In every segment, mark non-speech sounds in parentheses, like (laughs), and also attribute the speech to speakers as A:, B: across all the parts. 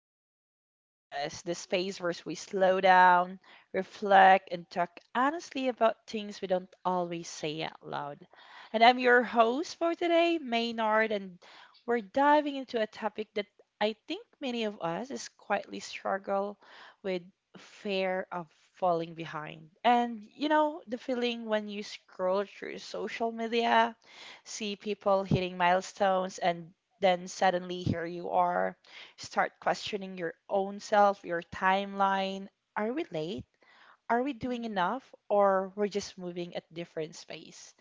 A: to Main's Podcast, the space where we slow down, reflect, and talk honestly about things we don't always say out loud. And I'm your host for today, Maynard, and we're diving into a topic that I think many of us is quietly struggle with fear of falling behind. The feeling when you scroll through social media, see people hitting milestones, and then suddenly here you are. Start questioning your own self, your timeline. Are we late? Are we doing
B: Mhm.
A: enough? Or we're just moving at different space?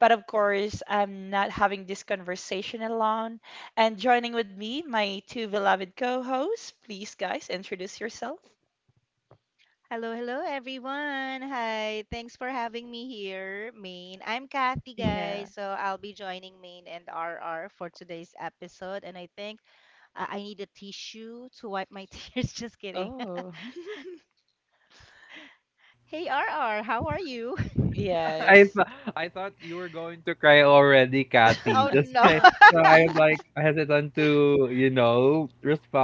A: But of course, I'm not having this conversation alone. And joining with me, my two beloved co hosts. Please, guys, introduce yourself.
B: Hello, hello everyone. Hi. Thanks for having me here, Maine. I'm Kathy,
A: Yeah.
B: guys. So I'll be joining Maine and RR for today's episode. And I think I need a tissue to wipe my (laughs) tears. Just kidding. (laughs)
A: Oh,
B: Hey, RR, how are you? (laughs)
A: (laughs)
C: (laughs) I
A: yes.
C: th- I thought you were going to cry already, Kathy.
B: Oh,
C: (laughs) Just
A: (laughs)
B: no.
C: like
B: (laughs)
C: so I'm like hesitant to,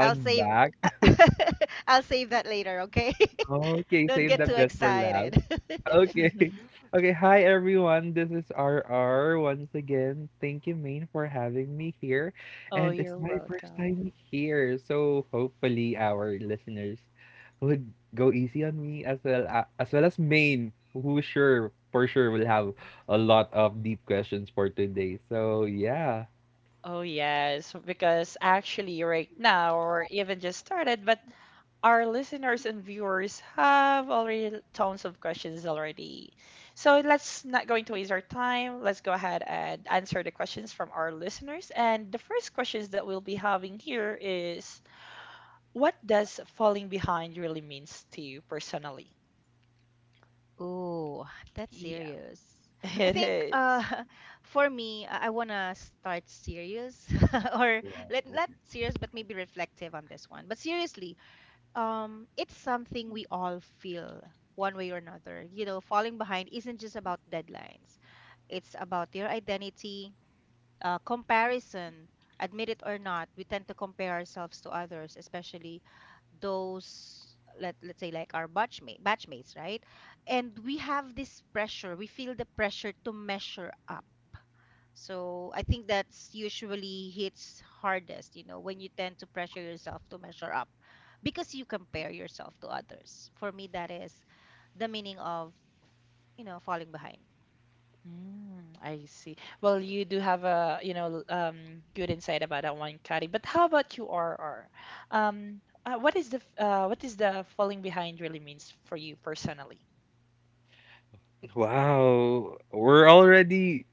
B: I'll save.
C: back. (laughs)
B: (laughs) I'll save that later, okay? (laughs)
C: Okay,
B: Don't
C: save
B: get
C: the
B: too
A: Yeah.
C: best for last.
B: excited. (laughs)
C: Okay. (laughs) Okay. Hi, everyone. This is RR once again. Thank you, Main, for having me here.
A: Oh,
C: And it's
A: you're
C: my first
A: welcome.
C: time here. So hopefully our listeners would go easy on me as well as Main, who sure for sure will have a lot of deep questions for today. So yeah.
A: Oh, yes, because actually, right now, or even just started, but our listeners and viewers have already tons of questions already. So let's not going to waste our time. Let's go ahead and answer the questions from our listeners. And the first questions that we'll be having here is, what does falling behind really means to you personally?
B: Oh, (sighs) that's
A: Yeah,
B: serious.
A: (laughs)
B: I
A: it
B: think
A: is.
B: (laughs) for me, I wanna start serious (laughs) or let not serious but maybe reflective on this one. But seriously, it's something we all feel one way or another. You know, falling behind isn't just about deadlines. It's about your identity, comparison, admit it or not, we tend to compare ourselves to others, especially those let's say like our batchmates, right? And we have this pressure. We feel the pressure to measure up. So I think that's usually hits hardest, you know, when you tend to pressure yourself to measure up because you compare yourself to others. For me, that is the meaning of, you know, falling behind. (laughs)
A: Mm, I see. Well, you do have a, good insight about that one, Kari. But how about you, RR? What is the what is the falling behind really means for you personally?
C: Wow, we're already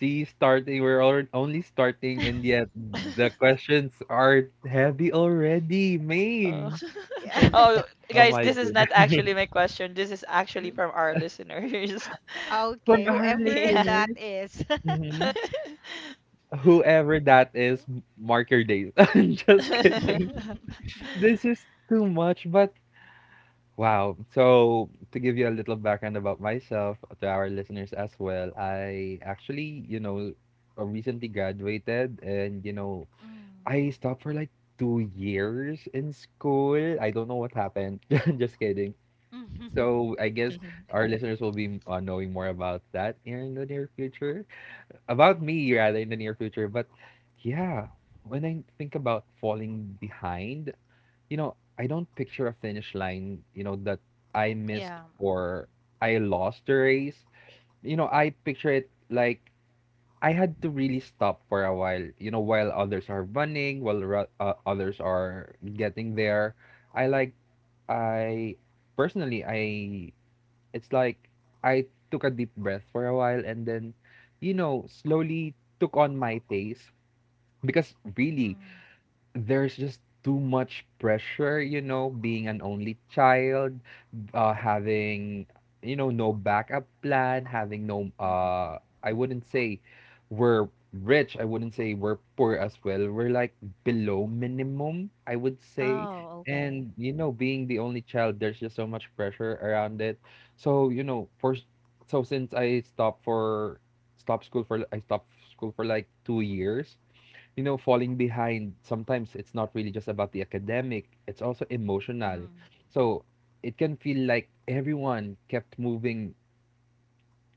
C: see starting. We're already only starting, and yet the
A: (laughs)
C: questions are heavy already,
A: Oh.
C: Main.
A: (laughs)
C: And
A: Oh,
C: oh
A: guys,
C: my
A: this is
C: goodness,
A: not actually my question. This is actually from our listeners. (laughs)
C: (laughs)
B: Okay,
C: from our
B: whoever
A: Yeah.
B: that
C: listeners,
B: is.
C: mhm,
A: (laughs)
C: whoever that is, mark your days. (laughs) I'm just
B: (laughs)
C: kidding.
B: Mm.
C: This is too much, but wow. So to give you a little background about myself to our listeners as well, I actually, recently graduated, and you know I stopped for like 2 years in school. I don't know what happened. (laughs) Just kidding.
B: Mhm.
C: So I guess our listeners will be knowing more about that in the near future. About me, rather, in the near future. But yeah, when I think about falling behind, I don't picture a finish line, that I missed
B: Yeah.
C: or I lost the race. I picture it like I had to really stop for a while. While others are running, others are getting there, I like I personally I it's like I took a deep breath for a while, and then slowly took on my pace because really
B: Mm.
C: there's just too much pressure, being an only child, having, no backup plan, having no,
B: Hmm.
C: I wouldn't say we're rich, I wouldn't say we're poor as well. We're like below minimum, I would say.
B: Oh, okay.
C: And, being the only child, there's just so much pressure around it. So, so since I stopped for, stopped school for, I stopped school for like 2 years, falling behind, sometimes it's not really just about the academic, it's also emotional.
B: Mm.
C: So it can feel like everyone kept moving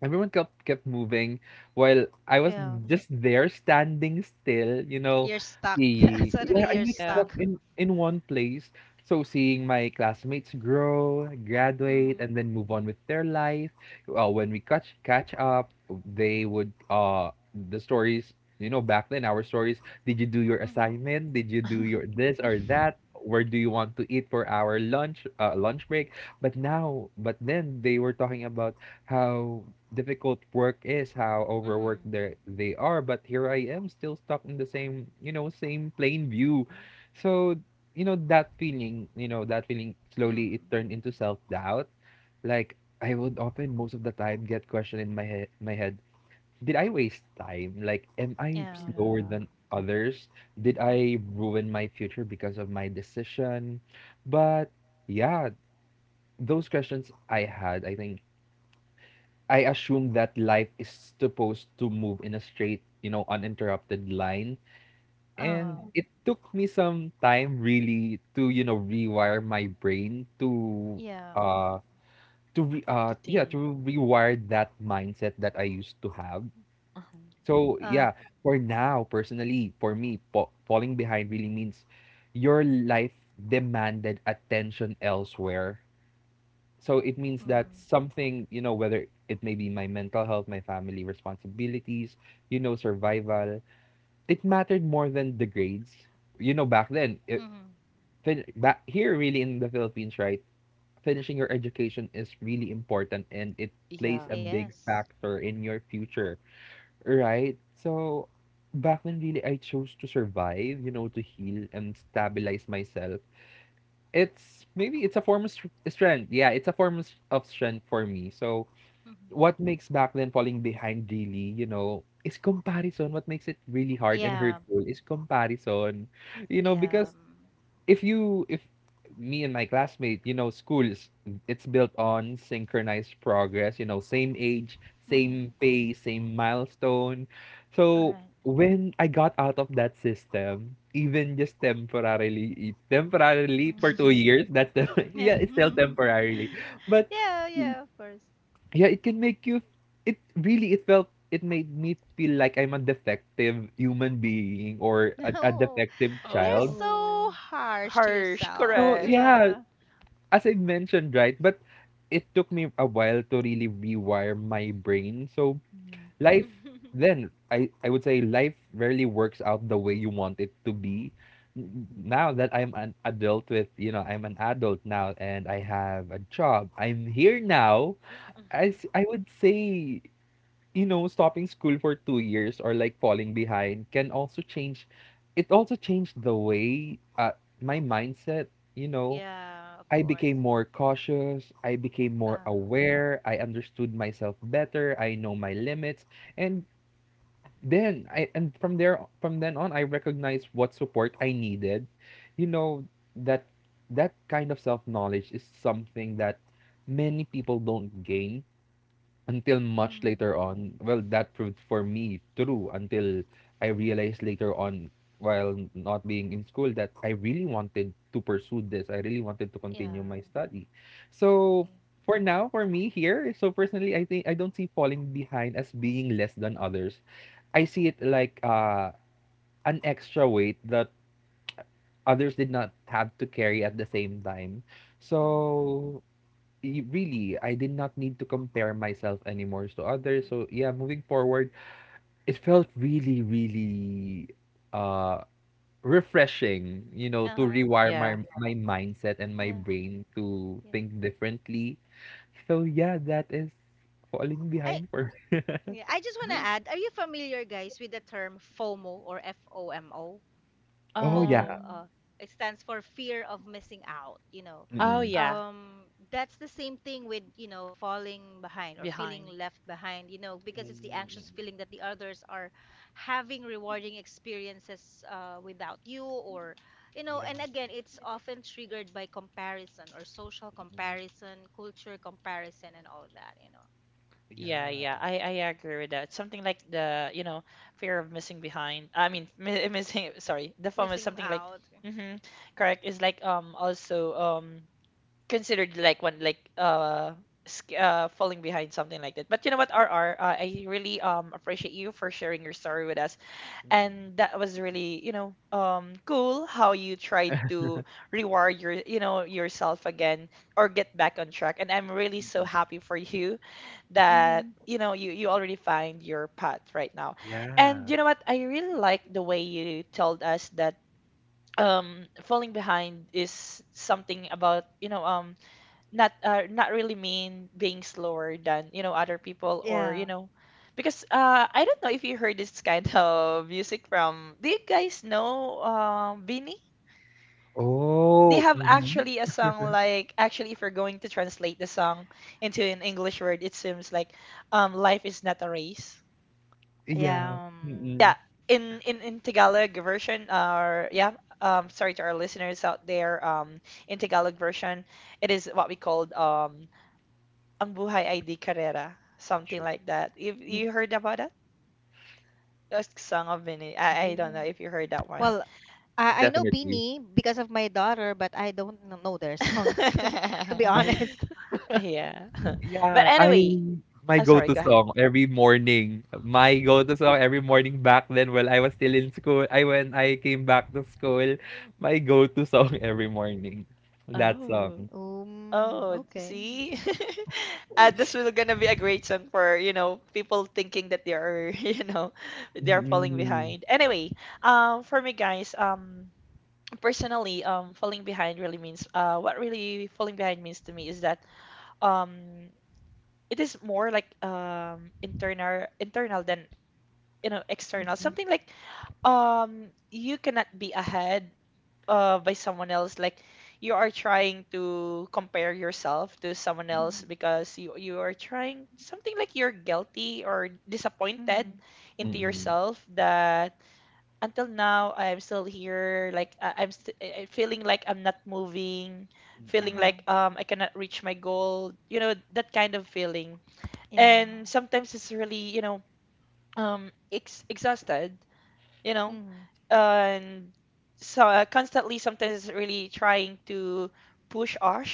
C: Everyone kept kept moving while I was
B: Yeah.
C: just there standing still.
B: You're stuck. (laughs)
C: The yeah,
B: Suddenly
C: I'm
B: you're
C: like
A: Yeah,
C: stuck
B: stuck.
C: in one place. So seeing my classmates grow, graduate, and
B: Mm.
C: then move on with their life. When we catch up, they would uh the stories, back then our stories. Did you do your
B: Hmm.
C: assignment? Did you do your
A: (laughs)
C: this or
B: Hmm. (laughs)
C: that? Where do you want to eat for our lunch break? But then they were talking about how difficult work is, how overworked they are. But here I am, still stuck in the same, same plain view. So you know that feeling, you know that feeling. Slowly, it
B: Mm.
C: turned into self doubt. Like I would often, most of the time, get question in my head. Did I waste time? Like, am I
B: Yeah.
C: slower
A: yeah.
C: than others? Did I
B: Mm.
C: ruin my future because of my decision? But yeah, those questions I had, I think I assume that life is supposed to move in a straight, uninterrupted line.
B: Oh,
C: And it took me some time really to rewire my brain
B: yeah.
C: uh to re- uh
A: To
C: yeah,
A: think.
C: to rewire that mindset that I used to have.
B: Mhm.
A: uh
C: So,
B: Uh,
C: yeah, for now, personally, for me, falling behind really means your life demanded attention elsewhere, so it means
B: Mm.
C: that something, whether it may be my mental health, my family responsibilities, survival, it mattered more than the grades. You know, back then it,
B: Hmm.
C: back here really in the Philippines, right? Finishing your education is really important, and it plays
A: Yeah.
C: a big
B: Yes.
C: factor in your future, right? So back then, really, I chose to survive, to heal and stabilize myself. It's maybe it's a form of strength. Yeah, it's a form of strength for me. So
B: Hmm.
C: what makes back then falling behind really, is comparison. What makes it really hard and
B: Yeah.
C: hurtful is comparison.
B: Yeah.
C: Because if me and my classmate, schools, it's built on synchronized progress, same age,
B: Mm-hmm.
C: same pace, same milestone.
B: All
C: So
B: right.
C: when I got out of that system, even just temporarily for two
B: Mm.
A: (laughs)
C: years, that's the, (laughs)
B: Yeah.
C: yeah, it's still
B: (laughs)
C: temporarily. But
B: Yeah, yeah, of course.
C: yeah, it can make you it really it felt it made me feel like I'm a defective human being or
B: (laughs)
C: a
B: No,
C: defective
B: you're
C: child.
B: so
A: Oh,
B: harsh to
A: harsh,
B: yourself.
C: No,
A: correct.
C: yeah,
B: Yeah.
C: as I mentioned, right? But it took me a while to really rewire my brain. So,
A: Mhm.
C: life
B: (laughs)
C: then I would say life rarely works out the way you want it to be. Now that I'm an adult, with you know I'm an adult now and I have a job, I'm here now. I would say, stopping school for 2 years or like falling behind can also change. It also changed the way, my mindset, you know,
B: Yeah, of
C: I
B: course.
C: became more cautious. I became more
B: Um,
C: aware. I understood myself better. I know my limits. And then I, and from there, from then on, I recognized what support I needed. You know, that, that kind of self knowledge is something that many people don't gain until much
B: mm,
C: later on. Well, that proved for me true until I realized later on, while not being in school, that I really wanted to pursue this. I really wanted to continue
B: yeah,
C: my study. So
B: yeah,
C: for now, for me here, so personally, I think I don't see falling behind as being less than others. I see it like an extra weight that others did not have to carry at the same time.
B: mm,
C: So really, I did not need to compare myself anymore to others. So
B: mm.
C: yeah, moving forward, it felt really, really uh refreshing, to
B: Uh-huh.
C: rewire
A: Yeah.
C: my mindset and my
B: Yeah,
C: brain to
B: yeah.
C: think differently. So yeah, that is falling
B: I
C: behind for me.
B: yeah, I just want to
A: I-
B: add, are you familiar guys with the term FOMO or FOMO?
C: Oh,
B: FOMO.
C: yeah.
A: Um.
B: It stands for fear of missing out. You know,
A: Oh
C: Mm-mm.
A: yeah.
B: um, that's the same thing with you know falling behind or feeling
A: Behind.
B: left behind. You know, because it's the anxious
C: Mm-mm.
B: feeling that the others are having rewarding experiences without you, or you know,
C: Yeah.
B: and again, it's often triggered by comparison or social
C: Mm-mm.
B: comparison, culture comparison, and all that. You know,
A: Yeah, yeah.
C: Yeah.
A: I agree with that. Something like the fear of missing behind. I mean mi (laughs) missing. Sorry, the form is
B: missing
A: something like.
B: out.
A: Mm-hmm. Correct. Is like also considered like one like falling behind something like that. But you know what, RR, I really appreciate you for sharing your story with us. And
C: Mm-mm.
A: that was really, you know, cool how you tried to rewire your, you know, yourself again or get back on track. And I'm really so happy for you that,
B: Mm-hmm.
A: you know, you already find your path right now. And
C: Yeah.
A: you know what? I really like the way you told us that falling behind is something about, you know, not not really mean being slower than you know other people or you
B: Yeah,
A: know because I don't know if you heard this kind (laughs) of music from do you guys know Beanie? They
C: Oh,
A: have
C: mm-hmm.
A: actually a song like actually if you're going to translate the song into an English word it seems like life is not a race.
C: Yeah.
B: yeah.
C: Mm-mm.
A: Yeah, in in Tagalog version or yeah, sorry to our listeners out there, in Tagalog version it is what we called Ang Buhay id carrera, something
C: Sure.
A: like that. If
C: Mm.
A: you heard about that? That's Song of Mini.
C: Yeah,
A: I don't know if you heard that one.
B: Well, I know
C: definitely.
B: Beanie because of my daughter, but I don't kn- know their songs, (laughs) to be
C: I
B: honest.
A: (laughs)
B: (laughs)
A: Yeah. (laughs) But
C: yeah, I
A: anyway,
C: my
A: I'm sorry,
C: go-to
A: go ahead.
C: song every morning. My go-to song every morning back then while I was still in school. I when I came back to school, my go-to song (laughs) every morning. That
A: Oh.
C: song.
A: Oh,
B: Okay.
A: see? (laughs) This will gonna be a great song for, you know, people thinking that they are, (laughs) you know, they're falling
C: Mm-mm.
A: behind. Anyway, for me guys, personally, falling behind really means, what really falling behind means to me is that, um, it is more like internal than you know external, something like you cannot be ahead by someone else, like you are trying to compare yourself to someone else
B: Mm-hmm.
A: because you are trying something like you're guilty or
B: Mm-hmm.
A: disappointed into
C: Mm-mm.
A: yourself that until now I'm still here, like I, I'm st- I- feeling like I'm not moving, feeling
B: Uh-huh.
A: like I cannot reach my goal, you know, that kind of feeling.
B: Yeah.
A: And sometimes it's really, you know, exhausted, you know.
B: Mm-hmm.
A: And so constantly sometimes it's really trying to push us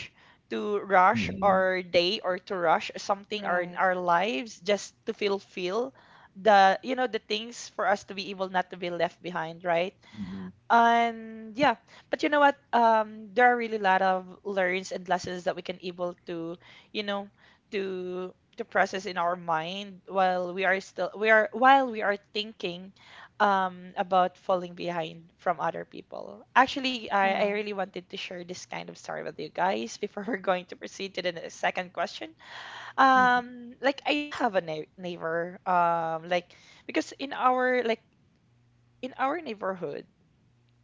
A: to rush
C: Mm-mm.
A: our day or to rush something or in
B: Right.
A: our lives just to fulfill the you know the things for us to be able not to be left behind, right?
C: Mm-mm.
A: And yeah, but you know what? There are really a lot of learns and lessons that we can able to, you know, to process in our mind while we are while we are thinking about falling behind from other people. Actually, I
B: Uh,
A: really wanted to share this kind of story with you guys before (laughs) we're going to proceed to the second question.
C: Mm-mm.
A: Like I do have a neighbor, like because in our neighborhood,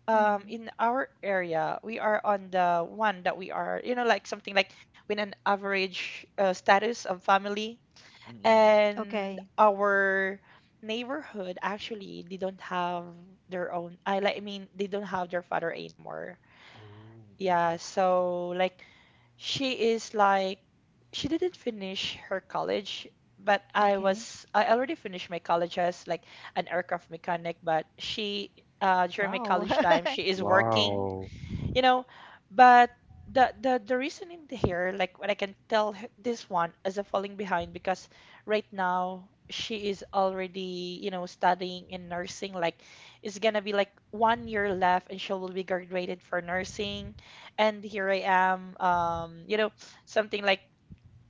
B: mm-hmm.
A: in our area, we are on the one that we are you know like something like with an average status of family,
C: Mm-mm.
B: Okay.
A: and our neighborhood actually they don't have their own I mean they don't have their father anymore,
C: Oh,
A: yeah,
C: mm-mm.
A: so like she is like she didn't finish her college, but
B: Okay.
A: I already finished my college as like an aircraft mechanic. But she during my
B: Wow.
A: college time she
B: (laughs)
A: is working,
C: Wow.
A: you know. But the reason in here, like what I can tell this one as a falling behind, because right now she is already, you know, studying in nursing, like it's gonna be like 1 year left and she will be graduated for nursing. And here I am, you know, something like,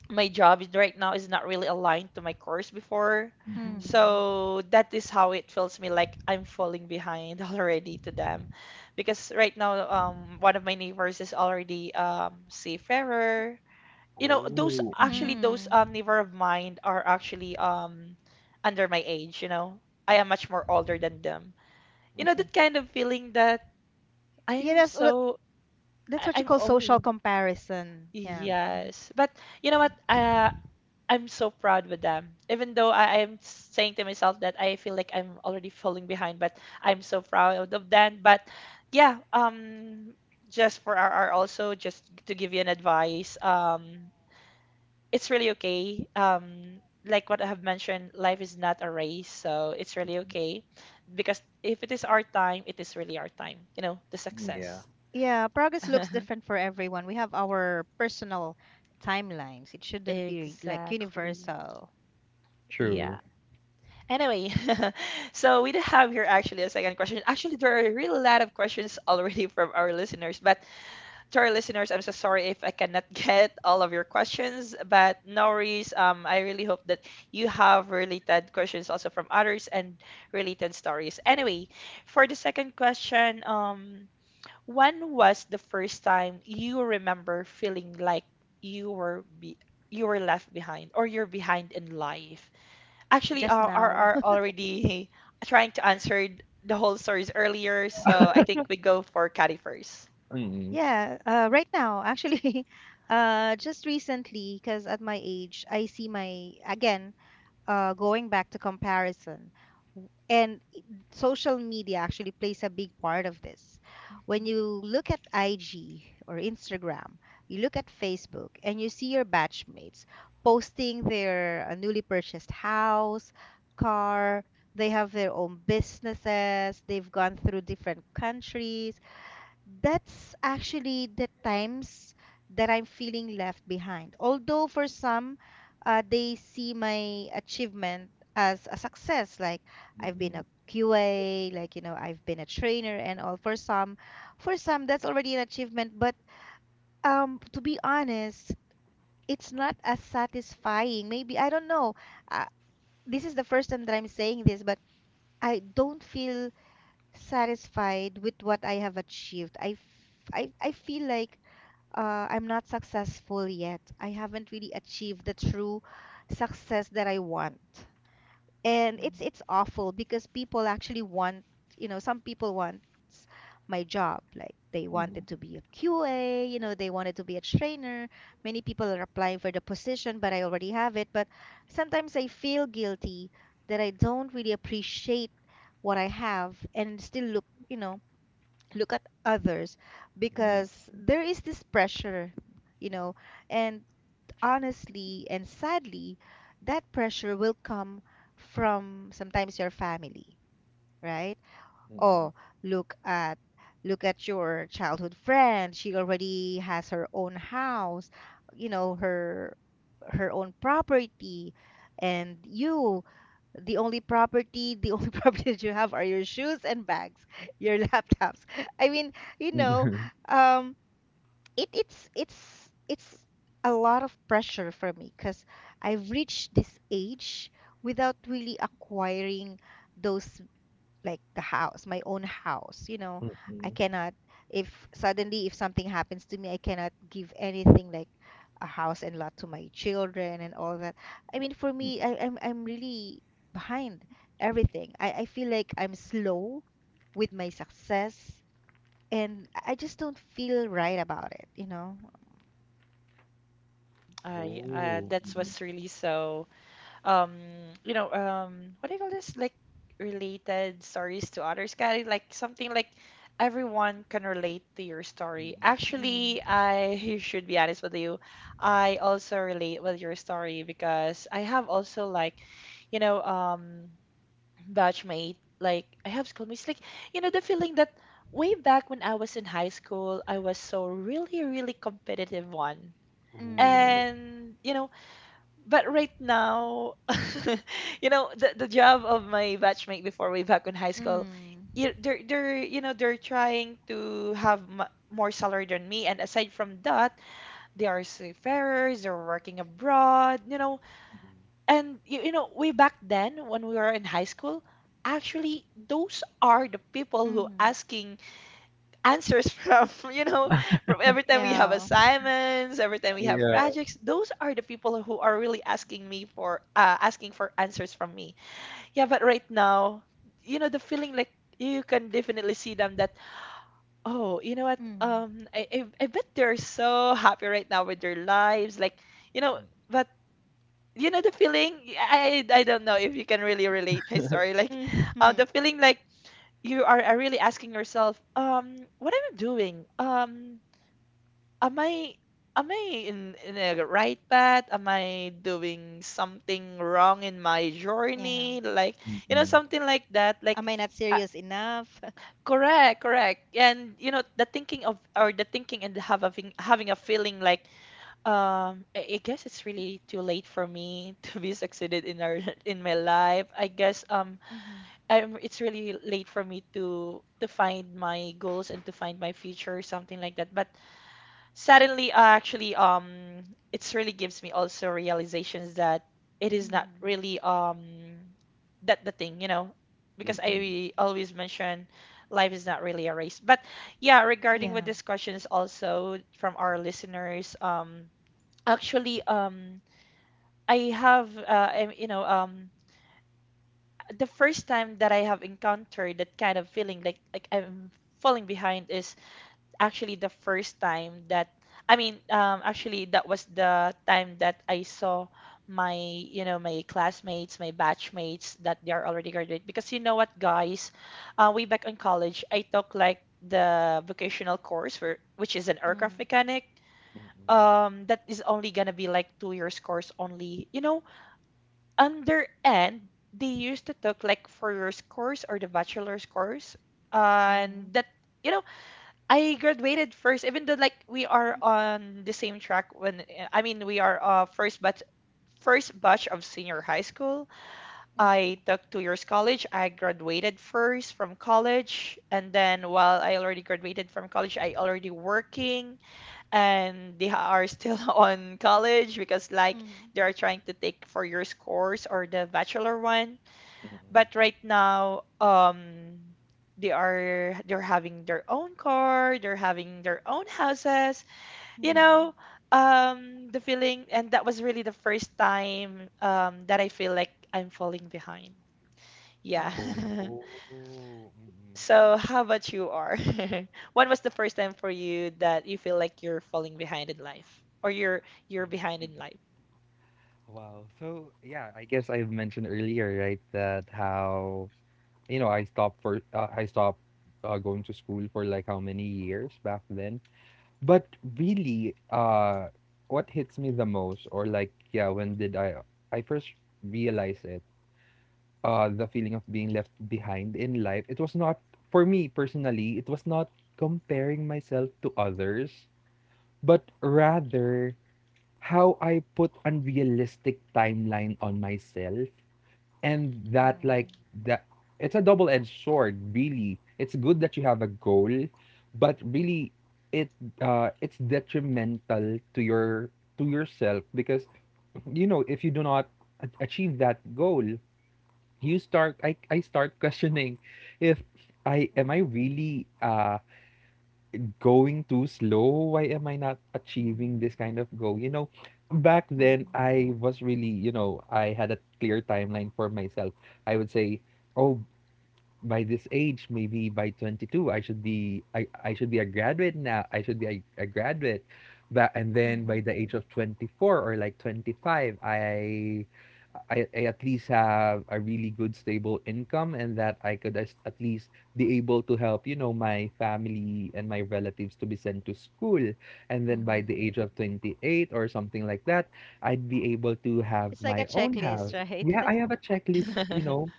A: my right now is not really aligned to my course before.
C: Mm-mm.
B: Mm-hmm.
A: So that is how it feels me like I'm falling behind (laughs) already to them. Because right now, one of my neighbors is already seafarer. You know, those
C: Oh. Mm-mm.
A: actually those
B: Mm-hmm.
A: neighbor of mine are actually under my age, you know. I am much more older than them. You know,
C: Mm-mm.
A: that kind of feeling that
B: Yeah,
A: I'm so
B: that's what you
A: I'm
B: call social
A: old.
B: comparison. Yeah.
A: Yes. But you know what? I'm so proud with them. Even though I'm saying to myself that I feel like I'm already falling behind, but I'm so proud of them. But yeah, just for RR also, just to give you an advice, it's really okay. Like what I have mentioned, life is not a race, so it's really okay. Because if it is our time, it is really our time, you know, the
C: Mm, yeah.
A: success.
B: Yeah, progress
A: (laughs)
B: looks different for everyone. We have our personal timelines. It shouldn't be like
A: Exactly.
B: universal.
A: Yeah.
C: True.
A: Anyway, (laughs) so we do have here actually a second question. Actually, there are really a really lot of questions (laughs) already from our listeners, but to our listeners, I'm so sorry if I cannot (laughs) get all of your questions, but no worries. I really hope that you have related questions also from others and related stories. Anyway, for the second question, when was the first time you remember feeling like you were be you were left behind or you're behind in life? Actually
B: Just now.
A: are already trying to answer the whole stories earlier, so I think we go for Caddy first.
B: Yeah, right now, actually, (laughs) just recently, because at my age, I see my, again, going back to comparison. And social media actually plays a big part of this. When
A: Mhm.
B: you look at IG or Instagram, you look at Facebook, and you see your batchmates posting their newly purchased house, car, they have their own businesses, they've gone through different countries. That's actually the times that I'm feeling left behind. Although for some, they see my achievement as a success, like I've been
C: Mm-mm.
B: a QA, like you know, I've been a trainer and all. For some, that's already an achievement. But to be honest, it's not as satisfying. Maybe I don't know. Uh, this is the first time that I'm saying this, but I don't feel satisfied with what I have achieved. I feel like I'm not successful yet. I haven't really achieved the true success that I want. And it's awful because people actually want, you know, some people want my job. Like they
C: Mm-mm.
B: wanted to be a QA, you know, they wanted to be a trainer. Many people are applying for the position, but I already have it. But sometimes I feel guilty that I don't really appreciate what I have and still look, you know, look at others
C: Mm-mm.
B: because there is this pressure, you know, and honestly and sadly, that pressure will come from sometimes your family, right?
C: Mm-mm.
B: Oh, look at look at your childhood friend. She already has her own house, you know, her her own property, and you the only property the only (laughs) property that you have are your shoes and bags, your laptops. I mean, you know,
C: Mm-mm.
B: um it it's a lot of pressure for me because I've reached this age without really acquiring those, like the house, my own house. You know, I
C: (laughs)
B: cannot, if suddenly if something happens to me, I cannot give anything like a house and lot to my children and all that. I mean, for me, I'm really behind everything. I feel like I'm slow with my success and I just don't feel right about it, you know?
A: I
C: Oh.
A: that
C: Mm,
A: was really so um you know, what do you call this, like related stories to others kind, like something like everyone can relate to your story.
C: mm.
A: Actually,
B: Mm.
A: I (laughs) should be honest with you. I also relate with your story because I have also, like, you know, batchmate, like I have schoolmates, like you know the feeling that way back when I was in high school, I was so really really competitive one.
B: Mm.
C: Oh.
A: And you know, but right now, (laughs) you know, the job of my batchmate before way back in high school,
B: Mm.
A: they're you know they're trying to have m more salary than me. And aside from that, they are seafarers, they're working abroad, you know.
C: Mm.
A: And you know, way back then when we were in high school, actually those are the people who
B: Mm.
A: asking answers (laughs) from, you know, from every time we have
B: Yeah.
A: assignments, every time we have
C: Yeah.
A: projects, those are the people who are really asking me for, asking for answers from me. Yeah, but right now, you know, the feeling like you can definitely see them that, oh, you know what?
B: Mm.
A: I bet they're so happy right now with their lives. Like, you know, but you know the feeling I don't know if you can really relate my story, like
B: (laughs) Mm.
A: the feeling like are really asking yourself, what am I doing, am I, am I in the right path, am I doing something wrong in my
B: Yeah.
A: journey, like
C: Mm,
A: you know
C: mm.
A: something like that, like
B: Am I not
A: uh,
B: serious enough?
A: correct, correct. And you know the thinking of or the thinking and having having a feeling like, I guess it's really too late for me (laughs) to be succeeded in our (laughs) in my life. I guess
B: (laughs) Hmm.
A: it's really late for me to find my goals and to find my future, something like that. But suddenly, it's really gives me also realizations that it is not
B: Mhm.
A: really that the thing, because
C: Mm.
A: I always mention life is not really a race. But yeah, regarding with
B: Yeah.
A: this question is also from our listeners, Actually, I have, I, am you know, the first time that I have encountered that kind of feeling, like I'm falling behind, is actually the first time that actually that was the time that I saw my, you know, my classmates, my batchmates that they are already graduate. Because you know what, guys, way back in college, I took like the vocational course, which is an aircraft
B: Mm.
A: mechanic. That is only gonna be like 2 years course only. You know, under end they used to talk like for your scores or the bachelor's course and
B: Mhm.
A: that you know I graduated first even though like we are on the same track when I mean we are first but first batch of senior high school. I
B: Mhm.
A: took 2 years college, I graduated first from college, and then while I already graduated from college I already working, and they are still (laughs) on college because like
B: Mhm.
A: they are trying to take 4 years course or the bachelor one. But right now, they're having their own car, they're having their own houses, you know,
B: Mhm.
A: the feeling, and that was really the first time that I feel like I'm falling behind. Yeah.
C: Oh.
B: Oh.
A: (laughs)
C: Mm-mm.
A: So, how about you, R? (laughs) When was the first time for you that you feel like you're falling behind in life, or you're behind in life?
C: Wow. So yeah, I guess I've mentioned earlier, right, that how I stopped going to school for like how many years back then. But really, what hits me the most, or like yeah, when did I first realized it? The feeling of being left behind in life, it was not, for me personally, it was not comparing myself to others, but rather how I put unrealistic timeline on myself. And that,
B: Mhm.
C: like, that it's a double edged sword, really. It's good that you have a goal, but really, it it's detrimental to your to yourself because if you do not achieve that goal, you start I start questioning if I
B: Mm.
C: really going too slow. Why am I not achieving
A: Mhm.
C: this kind of goal? Back then
B: Mhm.
C: I was really, I had a clear timeline for myself. I would say, oh, by this age, maybe by 22, I should be a graduate now. I should be a graduate. That, and then by
B: Mhm.
C: the age of 24 or like 25, I at least have a really good stable income, and that I could at least be able to help, my family and my relatives to be sent to school. And then by the
B: Mhm.
C: age of 28 or something like that, I'd be able to have
B: It's like a
C: my own
B: checklist,
C: house. Yeah,
B: right?
C: I
B: (laughs)
C: have a checklist,
A: (laughs)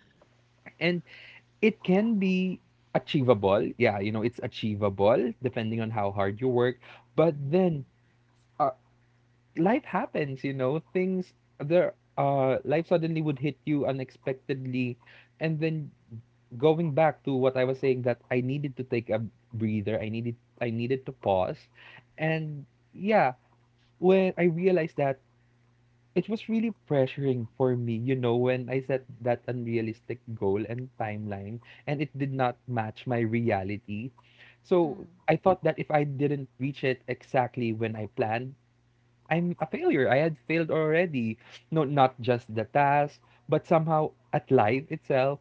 C: and it can be achievable. Yeah, it's achievable depending on how hard you work. But
A: Mhm.
C: then, uh, life happens, things there life suddenly would hit you unexpectedly, and then going back to what I was saying, that I needed to take a breather, I needed to pause. And yeah, when I realized that it was really pressuring for me, when I set that unrealistic goal and timeline, and it did not match my reality. So
B: Mm.
C: I thought that if I didn't reach it exactly when I planned, I'm a failure. I had failed already. No, not just the task, but somehow at life itself.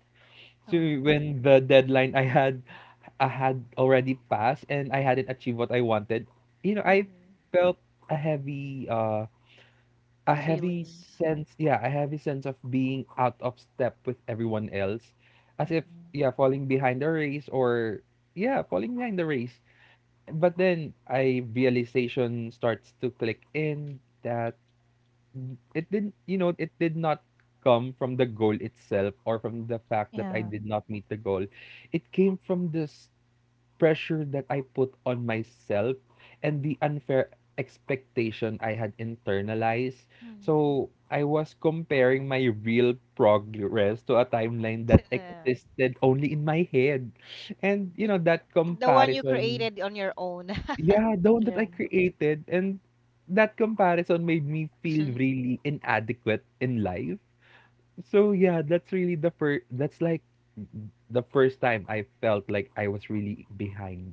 C: So
B: Oh.
C: when the deadline I had already passed and I hadn't achieved what I wanted, I
B: Hmm.
C: felt a heavy uh a heavy
A: Feelings.
C: sense, yeah, a heavy sense of being out of step with everyone else. As if,
A: Mhm.
B: Mhm.
C: yeah, falling behind the race or Yeah, falling behind the race. But then I realization starts to click in that it did not come from the goal itself or from the fact that I
B: Yeah.
C: did not meet the goal. It came from this pressure that I put on myself and the unfair expectation I had internalized.
B: Mhm.
C: So I was comparing my real progress to a timeline that
B: Yeah.
C: existed only in my head. And,
B: I-
C: that
B: The one you
C: comparison,
B: created on your own. (laughs)
C: yeah, the one that I
A: Yeah.
C: created, and that comparison made me feel
A: (laughs)
C: really inadequate in life. So yeah, that's really the first. That's like the first time I felt like I was really behind.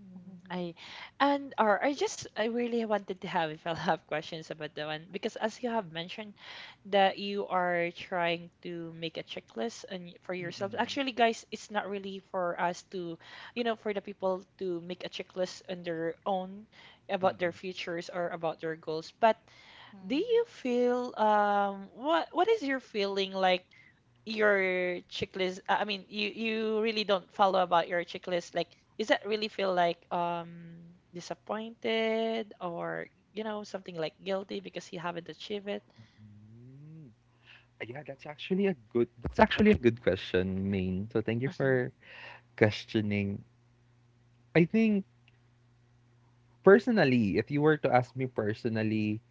A: Mm, I
B: Mhm.
A: and or I just I really wanted to have (laughs) if I'll have questions about that one because as you have mentioned that you are trying to make a checklist and for yourself.
C: Mm-mm.
A: Actually, guys, it's not really for us to, you know, for the people to make a checklist on their own about their
C: Mm-mm.
A: futures or about their goals. But do
B: Mhm.
A: you feel what is your feeling like? Your checklist, you you really don't follow about your checklist, like is that really feel like disappointed or you know something like guilty because you haven't achieved it?
C: Mm. That's actually a good question, Maine. So thank you
A: Mhm.
C: for questioning. I think personally, if you were to ask me personally,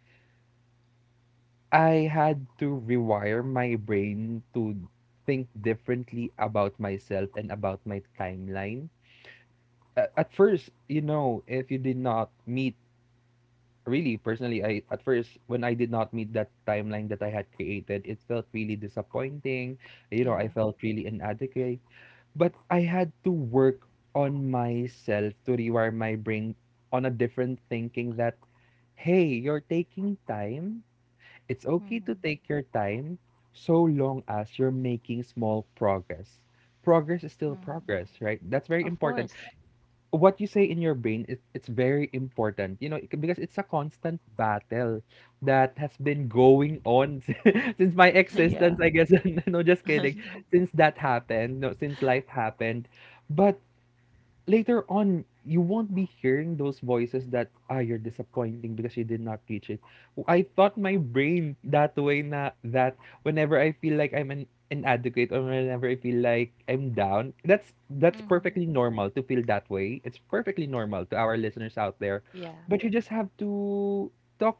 C: I had to rewire my brain to think differently about myself and about my timeline. At first, you know, if you did not meet, really personally, I at first when I did not meet that timeline that I had created, it felt really disappointing. You know, I
A: Yeah.
C: felt really inadequate. But I had to work on myself to rewire my brain on a different thinking that hey, you're taking time. It's okay to
B: Mhm.
C: take your time so long as you're making small progress. Progress is still
B: Mhm.
C: progress, right? That's very
B: Of
C: important.
B: course.
C: What you say in your brain, it's very important, you know, because it's a constant battle that has been going on (laughs) since my
B: Hmm.
A: (laughs) yeah
C: existence, I guess. (laughs) No, just kidding. Since that happened, no, since life happened. But later on you won't be hearing those voices that ah you're disappointing because you did not reach it. I thought my brain that way na that whenever I feel like I'm an inadequate or whenever I feel like I'm down, that's
B: Mhm.
C: perfectly normal to feel that way. It's perfectly normal to our listeners out there.
A: yeah.
C: But you just have to talk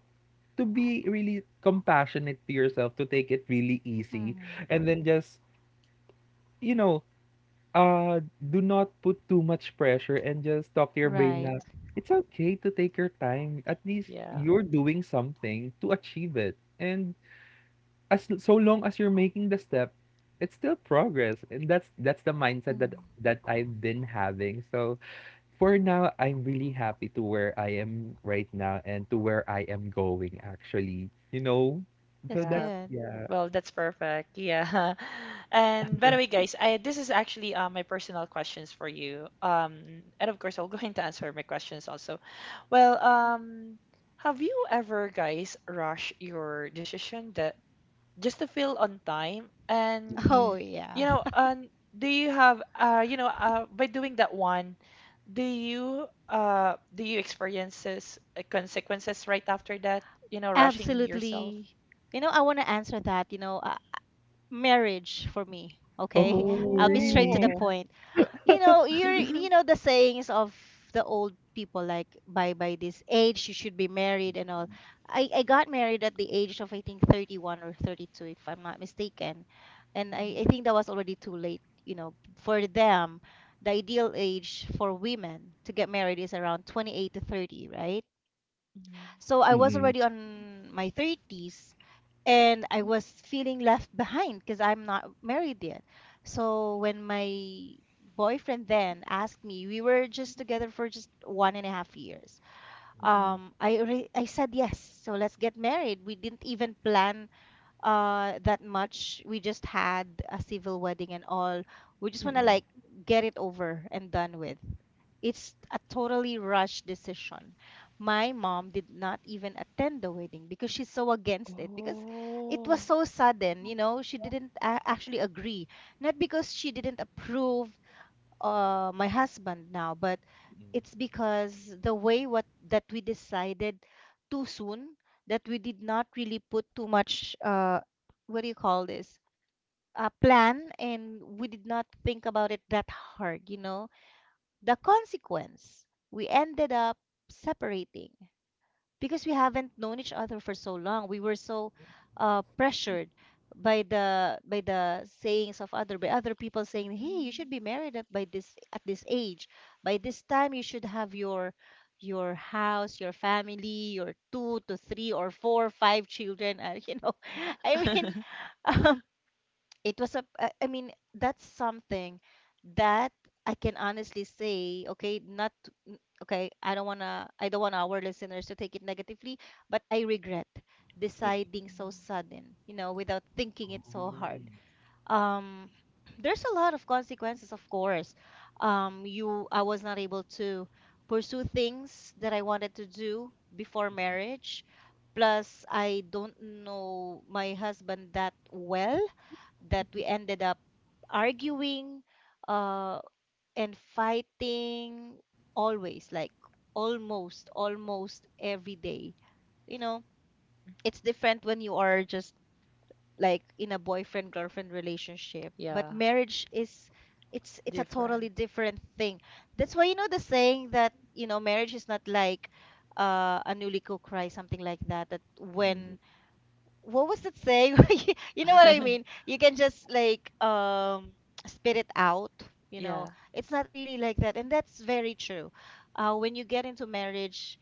C: to be really compassionate to yourself, to take it really easy
B: Mhm.
C: and then just you know uh, do not put too much pressure and just talk to your brain
B: Right.
C: na, it's okay to take your time. At least
A: yeah
C: you're doing something to achieve it. And as so long as you're making the step, it's still progress. And that's the mindset that
B: Mhm.
C: that I've been having. So for now, I'm really happy to where I am right now and to where I am going actually. You know?
B: That's
C: So that's
A: yeah
B: good.
C: yeah.
A: Well, that's perfect. Yeah. (laughs) And by the way, guys, I this is actually my personal questions for you, and of course I'll (laughs) go into answer my questions also. well um have you ever, guys, rush your decision just to feel on time?
B: (laughs)
A: And
B: Oh,
C: Mhm.
B: yeah.
A: you know, and do you have by doing that one, do you experiences consequences right after that? You know, rushing yourself.
B: Absolutely. You know, I want to answer that, you know, marriage for me, okay? (laughs)
C: Oh,
B: I'll be straight to the
C: really?
A: Oh.
B: point. You know, you're you know the sayings of the old people like by this age you should be married and all. I got married at the age of I think 31 or 32 if I'm not mistaken. And I think that was already too late, you know, for them. The ideal age for women to get married is around 28 to 30, right?
A: Mhm.
B: So I was
C: (laughs)
B: already on my 30s and I was feeling left behind because I'm not married yet. So when my boyfriend then asked me, we were just together for just 1.5 years. I said yes. So let's get married. We didn't even plan that much. We just had a civil wedding and all. We just want to like get it over and done with. It's a totally rushed decision. My mom did not even attend the wedding because she's so against it, because it was
A: Oh.
B: so sudden. You know, she didn't a- actually agree. Not because she didn't approve my husband now, but it's because the way what that we decided too soon, that we did not really put too much what do you call this? A plan, and we did not think about it that hard, you know. The consequence, we ended up separating because we haven't known each other for so long. We were so pressured by the sayings of other by other people saying, "Hey, you should
A: Mm.
B: be married at, by this at this age. By this time, you should have your house, your family, your two to three or four, five children." And you know, (laughs) I mean,
A: (laughs)
B: (laughs) it was a, I mean that's something that I can honestly say, okay, not to- n- okay, I don't want to, I don't want our listeners to take it negatively, but I regret deciding so
A: Mm.
B: sudden, you know, without thinking it so hard. um (clears throat) there's a lot of consequences, of course. You, I was not able to pursue things that I wanted to do before marriage, plus I don't know my husband that well, that we ended up arguing uh, and fighting always, like almost, almost every day. You know, it's different when you are just like in a boyfriend girlfriend relationship, but
A: Yeah,
B: marriage is, it's a totally
A: different.
B: different thing. That's why, you know, the saying that, you know, marriage is not like a newly cooked rice, something like that. That when, what was it saying? (laughs) You know what I mean?
A: (laughs)
B: You can just like spit it out, you know.
A: Yeah,
B: It's not really like that. And that's very true. When you get into marriage,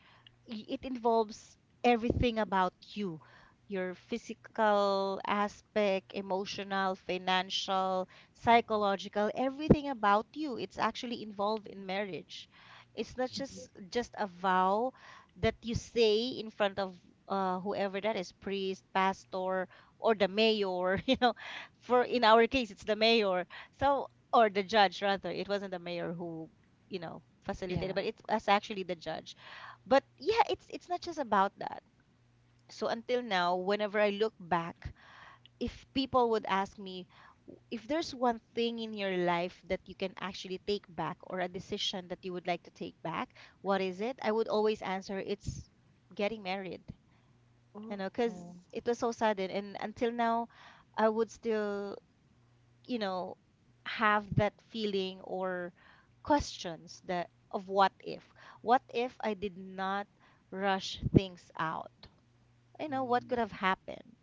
B: y- it involves everything about you. Your physical aspect, emotional, financial, psychological, everything about you. It's actually involved in marriage. It's not just a vow that you say in front of whoever that is, priest, pastor, or the mayor (laughs) you know, for in our case it's the mayor, so, or the judge rather, it wasn't the mayor who, you know, facilitated,
A: yeah.
B: but it was actually the judge. But yeah, it's not just about that. So until now, whenever I look back, if people would ask me, "W- if there's one thing in your life that you can actually take back, or a decision that you would like to take back, what is it?" I would always answer, it's getting married, you know, because
A: Oh,
B: it was so sudden. And until now, I would still, you know, have that feeling or questions that of what if. What if I did not rush things out? You know, what could have happened?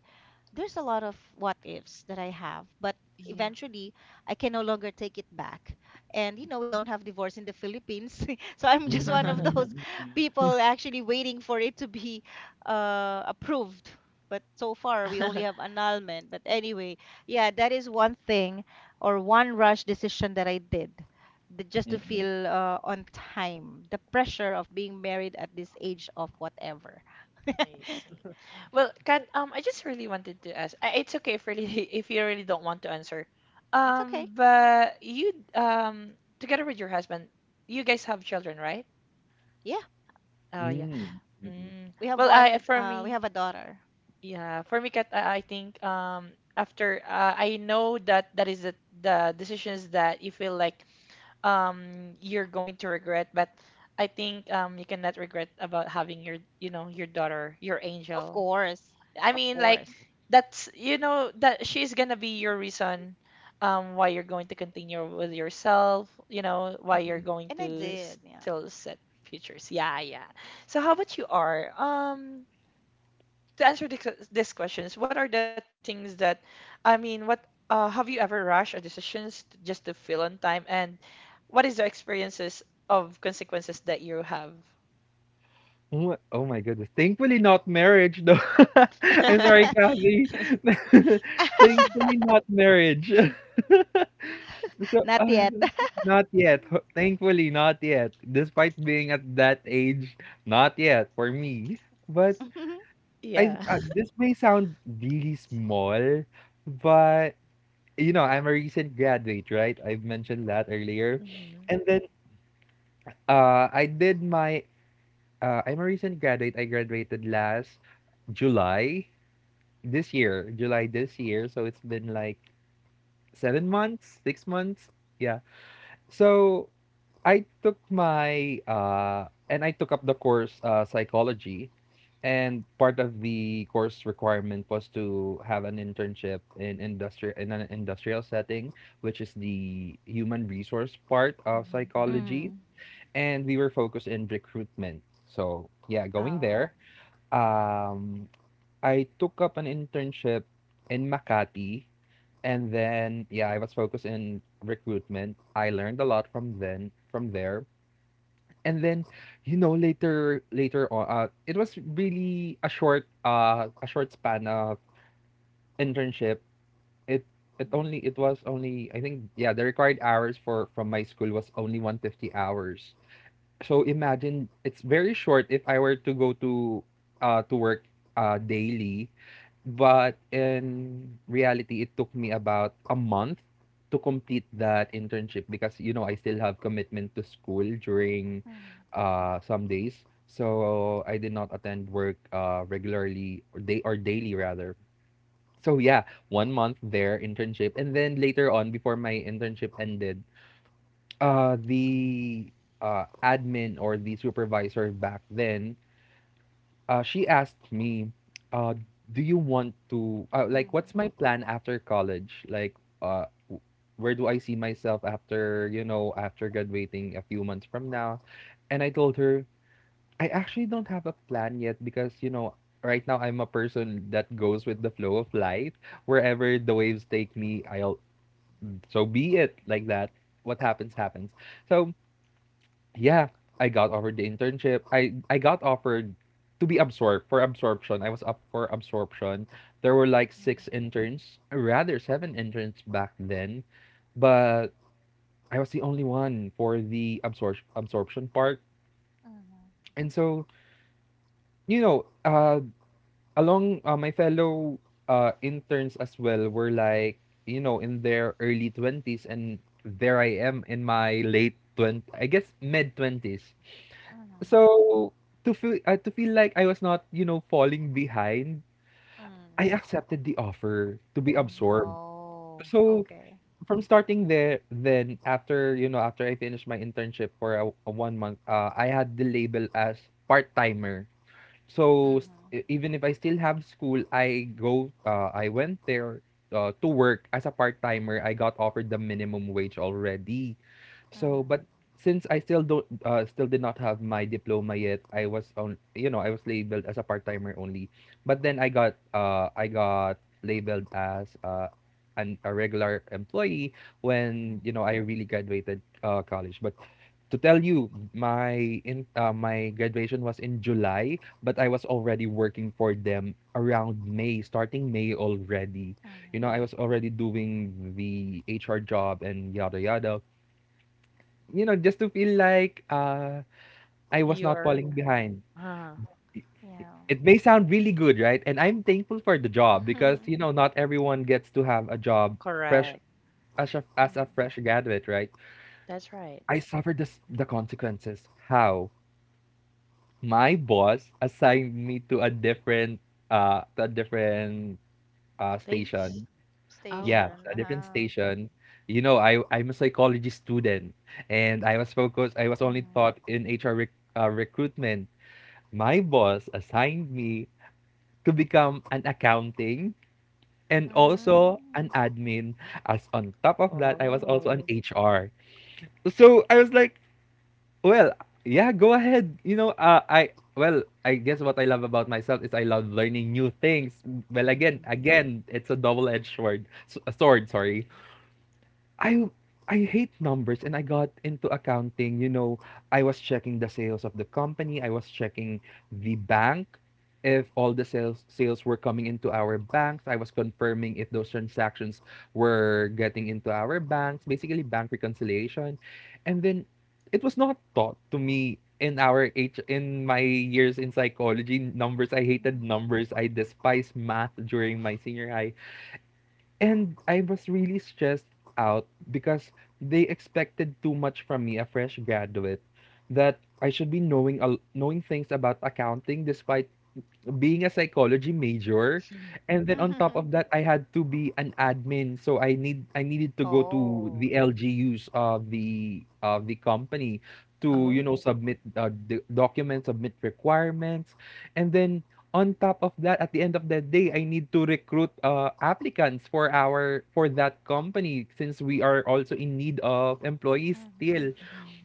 B: There's a lot of what ifs that I have, but
A: yeah.
B: eventually I can no longer take it back. And you know, we don't have divorce in the Philippines. (laughs) So I'm just one of those (laughs) people actually waiting for it to be approved. But so far, we only
A: (laughs)
B: have annulment. But anyway, yeah, that is one thing or one rush decision that I did just to feel on time. The pressure of being married at this age of whatever. (laughs)
A: I see. Well, Kat, I just really wanted to ask. It's okay if really (laughs) if you really don't want to answer.
B: It's okay.
A: But you together with your husband, you guys have children, right?
B: Yeah.
A: Oh yeah. Mm.
B: We have
A: Well,
B: one
A: I for
B: we have
A: me,
B: a daughter.
A: yeah, for me, Kat, I think after I know that that is the decisions that you feel like you're going to regret, but I think you cannot regret about having your you know your daughter, your
B: Of
A: angel.
B: course.
A: I
B: Of
A: mean, like
B: course.
A: that's you know that she's gonna be your reason why you're going to continue with yourself, you know, why you're going
B: And I
A: to
B: did, yeah.
A: still set futures. Yeah, yeah. So how about you are? To answer this, this questions, what are the things that I mean, what have you ever rushed a decisions just to feel on time, and what is the experiences of consequences that you have?
C: Oh my, oh my goodness. Thankfully not marriage though. (laughs) I'm sorry,
A: (laughs)
C: Kathy. (laughs) Thankfully not marriage. (laughs)
B: (laughs)
C: So,
B: Not yet.
C: not yet. Thankfully not yet. Despite being at that age, not yet for me. But
B: (laughs)
C: I,
A: Yeah. (laughs)
C: this may sound really small, but you know, I'm a recent graduate, right? I've mentioned that earlier.
A: Mhm,
C: And then I did my I'm a recent graduate. I graduated last July this year, July this year. So it's been like 7 months, 6 months. Yeah. So I took up the course, psychology, and part of the course requirement was to have an internship in industri in an industrial setting, which is the human resource part of Mm.
A: mhm,
C: psychology,
B: Mm.
C: and we were focused in recruitment. So yeah, going
B: Oh.
C: there. Um, I took up an internship in Makati. And then, yeah, I was focused in recruitment. I learned a lot from then, from there. And then, you know, later on, it was really a short span of internship. It,
B: Mm,
C: it was only, I think, yeah, the required hours for from my school was only 150 hours. So imagine it's very short if I were to go to work, daily but in reality, it took me about a month to complete that internship because, you know, I still have commitment to school during
B: mm,
C: some days. So I did not attend work regularly or day or daily rather. So yeah, 1 month there internship, and then later on, before my internship ended, the admin or the supervisor back then, she asked me, uh, do you want to, like,
B: mm,
C: what's my plan after college? Like, uh, w- where do I see myself after, you know, after graduating a few months from now? And I told her, I actually don't have a plan yet because, you know, right now I'm a person that goes with the flow of life. Wherever the waves take me, so be it, like that. What happens, happens. So, yeah, I got offered the internship. I got offered to be absorbed for absorption. I was up for absorption. There were like six
B: mhm,
C: interns, rather seven interns back then, but I was the only one for the absorption part.
B: mhm, mhm,
C: And so, you know, along my fellow interns as well were like, you know, in their early 20s, and there I am in my late 20, I guess mid 20s. So to feel like I was not, you know, falling behind,
B: mm.
C: I accepted the offer to be absorbed.
A: mhm.
B: Oh,
C: So
B: okay.
C: from starting there, then after, you know, after I finished my internship for a 1 month, I had the label as part timer. So
B: Mhm,
C: even if I still have school, I went there, to work as a part timer. I got offered the minimum wage already. So,
B: mhm,
C: but since I still don't, still did not have my diploma yet, I was on, you know, I was labeled as a part timer only. But then I got labeled as an a regular employee when
B: mm,
C: you know I really graduated college. But to tell you, my graduation was in July, but I was already working for them around May, starting May already. You know,
B: mhm.
C: I was already doing the HR job and yada yada, you know, just to feel like I was not
A: You're
C: falling behind.
A: Uh,
B: Yeah.
C: It may sound really good, right? And I'm thankful for the job
B: (laughs)
C: because
B: Mhm,
C: you know not everyone gets to have a job fresh
A: correct.
C: as
B: mhm.
C: a fresh graduate, right?
A: That's right.
C: I suffered the consequences. How? My boss assigned me to a different, station.
A: Please. Oh,
C: Yeah,
B: Station.
C: a
A: okay.
C: different
B: Uh-huh.
C: station. You know, I'm a psychology student and I was focused. I was only
B: Mhm,
C: taught in HR recruitment. My boss assigned me to become an accounting and also
B: mm,
C: an admin. As on top of that, I was also an
A: Oh.
C: HR. So I was like, well, yeah, go ahead. You know, I well, I guess what I love about myself is I love learning new things. Well,
A: Mm-hmm.
C: again, it's a double-edged sword. A sword, sorry. I I hate numbers and I got into accounting. You know, I was checking the sales of the company, I was checking the bank if all the sales were coming into our banks. I was confirming if those transactions were getting into our
B: mhm,
C: banks, basically bank reconciliation. And then it was not taught to me in our H in my years in psychology. Numbers, I hated numbers, I despised math during my senior high and I was really stressed out because they expected too much from me, a fresh graduate, that I should be knowing knowing things about accounting despite being a psychology major,
A: (laughs)
C: and then
B: mhm,
C: on top
B: mhm.
C: of
B: (laughs)
C: that I had to be an admin so I needed to go to
B: Oh.
C: the LGUs of the company to you know
A: Oh.
C: submit, the documents, submit requirements, and then on top of that at the end of the day I need to recruit, applicants for our for that company since we are also in need of employees
B: Mhm,
C: still,
A: Hmm.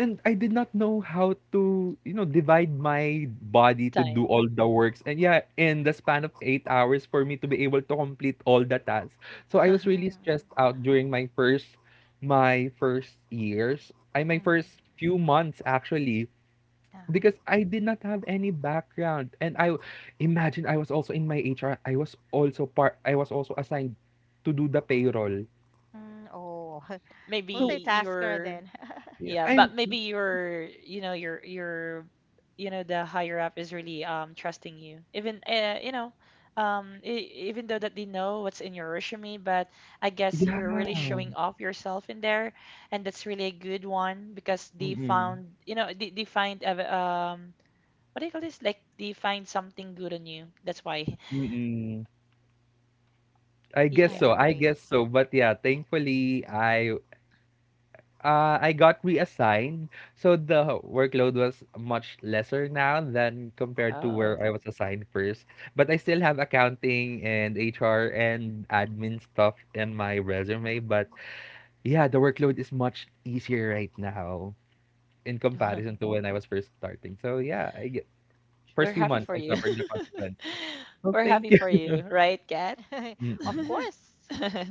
C: and I did not know how to, you know, divide my body to do
A: Time.
C: all the works. And yeah, in the span of 8 hours for me to be able to complete all the tasks. So I was really stressed
B: mhm.
C: out during my first years. I My
B: Mhm.
C: first few months actually,
B: Uh-huh.
C: because I did not have any background. And I imagine I was also in my HR, I was also part I was also assigned to do the payroll.
B: Mm, oh, (laughs)
C: So
A: Maybe
B: multitasker
A: your
B: then. (laughs)
C: yeah,
A: Yeah,
C: I'm
A: but maybe your you know the higher up is really trusting you. Even you know even though that they know what's in your resume, but I guess you're really
C: yeah.
A: showing off yourself in there, and that's really a good one because they found you know they what do you call this? Like they find something good on you. That's why. (laughs)
C: I
B: I
C: guess
A: Yeah.
C: so. I
B: agree.
C: guess so. But yeah, thankfully I got reassigned. So the workload was much lesser now than compared to where
A: Oh.
C: I was assigned first. But I still have accounting and HR and admin stuff in my resume, but
B: Mhm.
C: yeah, the workload is much easier right now in comparison
A: (laughs)
C: to when I was first starting. So yeah, I get
A: We're
C: first
B: True.
C: few
A: happy
C: months
A: for
C: I
A: you.
C: suffered the consequences.
A: (laughs)
C: So
A: We're
C: thank
A: happy
C: you.
A: for
C: (laughs)
A: you, right, Kat? (laughs)
B: (laughs) Of
C: Mm-mm.
B: course.
A: (laughs)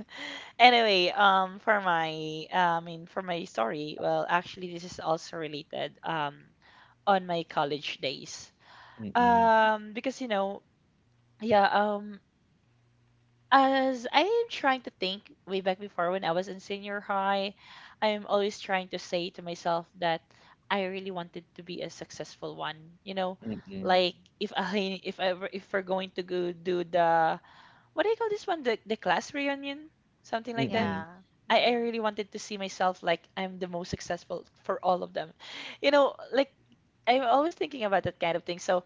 A: Anyway, for my, for my story, actually, this is also related, on my college days. Because you know, yeah, As I am trying to think way back before when I was in senior high, I am always trying to say to myself that I really wanted to be a successful one. You know, like
B: Mm.
A: if (laughs) I if I were- if we're going to go do the what do you call this one? The class reunion, something like that.
B: Yeah.
A: I
B: Mm.
A: really wanted to see myself like I'm the most successful for all of them. You know, like I'm always thinking about that kind of thing. So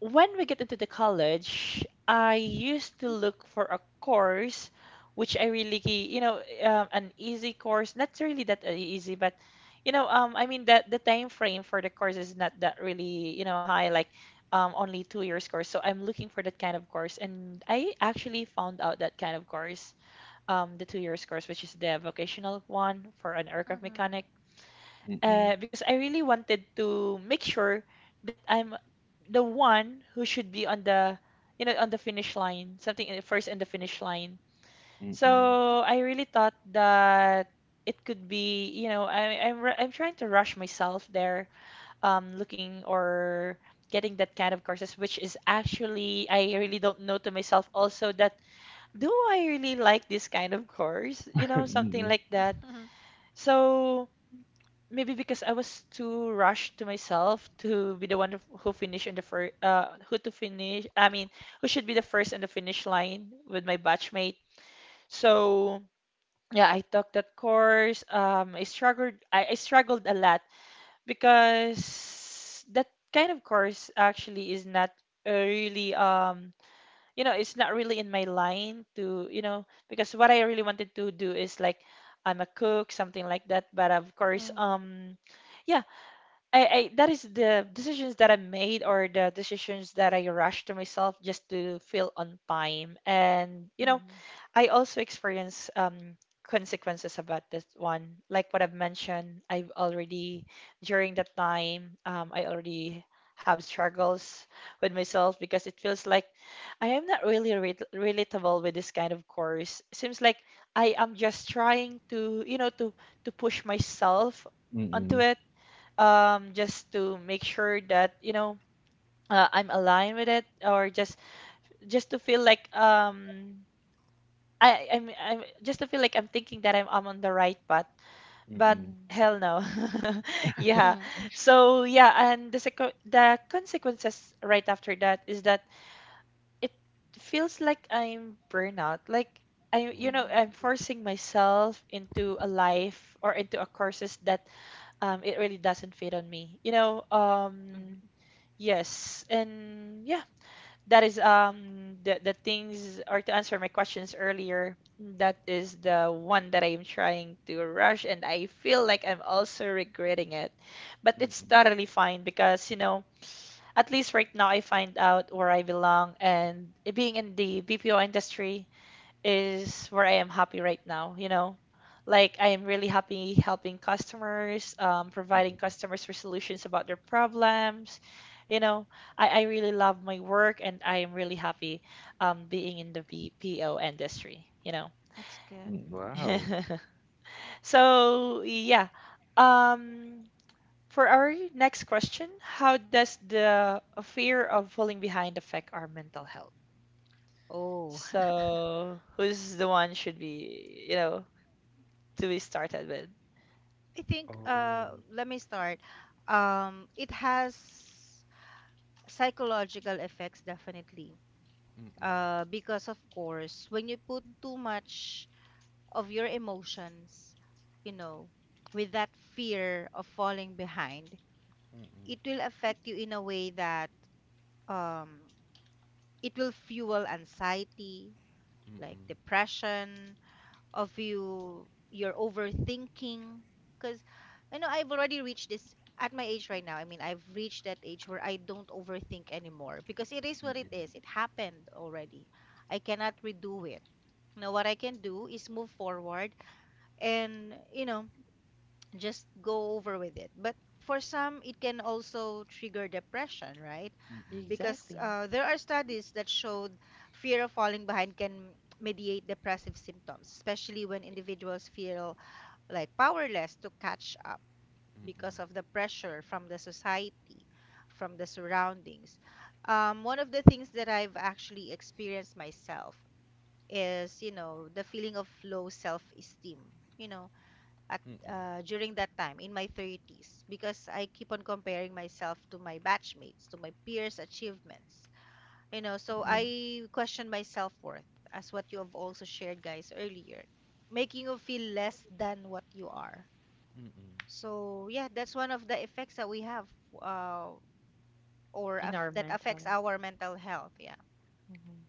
A: when we get into the college, I used to look for a course which I really, you know, an easy course, not really that easy, but you know, I mean that the time frame for the course is not that really, you know, high, like only 2 years course. So I'm looking for that kind of course, and I actually found out that kind of course, the 2 years course, which is the vocational one for an aircraft
B: Mhm.
A: mechanic, because I really wanted to make sure that I'm the one who should be on the, you know, on the finish line, first in the finish line. So I really thought that it could be, you know, I'm trying to rush myself there, looking or getting that kind of courses, which is actually I really
B: Mm.
A: don't know to myself also that do I really like this kind of course, you know, something like that.
B: (laughs)
A: So. Maybe because I was too rushed to myself to be the one who finish in the first, who to finish. I mean, who should be the first in the finish line with my batchmate. So yeah, I took that course. I struggled. I struggled a lot because that kind of course actually is not really you know, it's not really in my line to, you know, because what I really wanted to do is like I'm a cook, something like that. But of course,
B: Mm.
A: Yeah, I that is the decisions that I made or the decisions that I rushed to myself just to feel on time. And you know,
B: Mhm.
A: I also experience consequences about this one. Like what I've mentioned, I've already during that time, I already have struggles with myself because it feels like I am not really relatable with this kind of course. Seems like I am just trying to, you know, to push myself onto it, just to make sure that you know I'm aligned with it, or just to feel like I'm just to feel like I'm thinking that I'm on the right path. But
B: Mhm.
A: hell no. (laughs) Yeah.
B: Mhm.
A: So yeah, and the seco the consequences right after that is that it feels like I'm burnout, like. I, you know,
B: Mhm.
A: I'm forcing myself into a life or into a courses that it really doesn't fit on me. You know,
B: Mhm. (laughs)
A: yes, and yeah, that is the things or to answer my questions earlier, that is the one that I am trying to rush and I feel like I'm also regretting it. But it's totally fine because, you know, at least right now I find out where I belong, and being in the BPO industry is where I am happy right now, you know? Like I am really happy helping customers, providing customers for solutions about their problems. You know, I really love my work and I am really happy being in the BPO industry, you know.
B: That's good.
C: Mm. Wow.
A: (laughs) So yeah. Um, for our next question, how does the fear of falling behind affect our mental health?
B: Oh, (laughs)
A: So who's the one should be, you know, to be started with?
B: I think
C: Oh,
B: let me start. Um, it has psychological effects definitely. Uh, because of course, when you put too much of your emotions, you know, with that fear of falling behind, it will affect you in a way that um, it will fuel anxiety, like depression, of you, your overthinking. Because, you know, I've already reached this at my age right now. I mean, I've reached that age where I don't overthink anymore because it is what it is. It happened already. I cannot redo it. Now, what I can do is move forward and, you know, just go over with it. But for some, it can also trigger depression, right? Because
A: Exactly.
B: there are studies that showed fear of falling behind can mediate depressive symptoms, especially when individuals feel like powerless to catch up because of the pressure from the society, from the surroundings. One of the things that I've actually experienced myself is, you know, the feeling of low self-esteem. You know, at during that time in my 30s because I keep on comparing myself to my batchmates, to my peers' achievements. You know, so I question my self-worth as what you have also shared guys earlier, making you feel less than what you are. So yeah, that's one of the effects that we have uh, or
A: In
B: af
A: our
B: that affects
A: mental.
B: our mental health, yeah.
A: Hmm.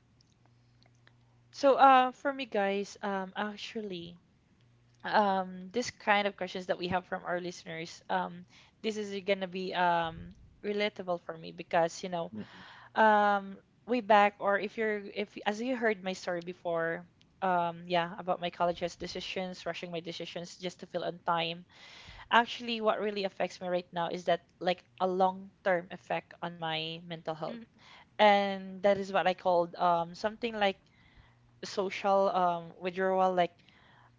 A: So for me, guys, this kind of questions that we have from our listeners, this is gonna be relatable for me because um, way back or if as you heard my story before, yeah, about my college's decisions, rushing my decisions just to feel on time. Actually, what really affects me right now is that like a long-term effect on my mental health.
B: Mm,
A: And that is what I called something like social withdrawal. Like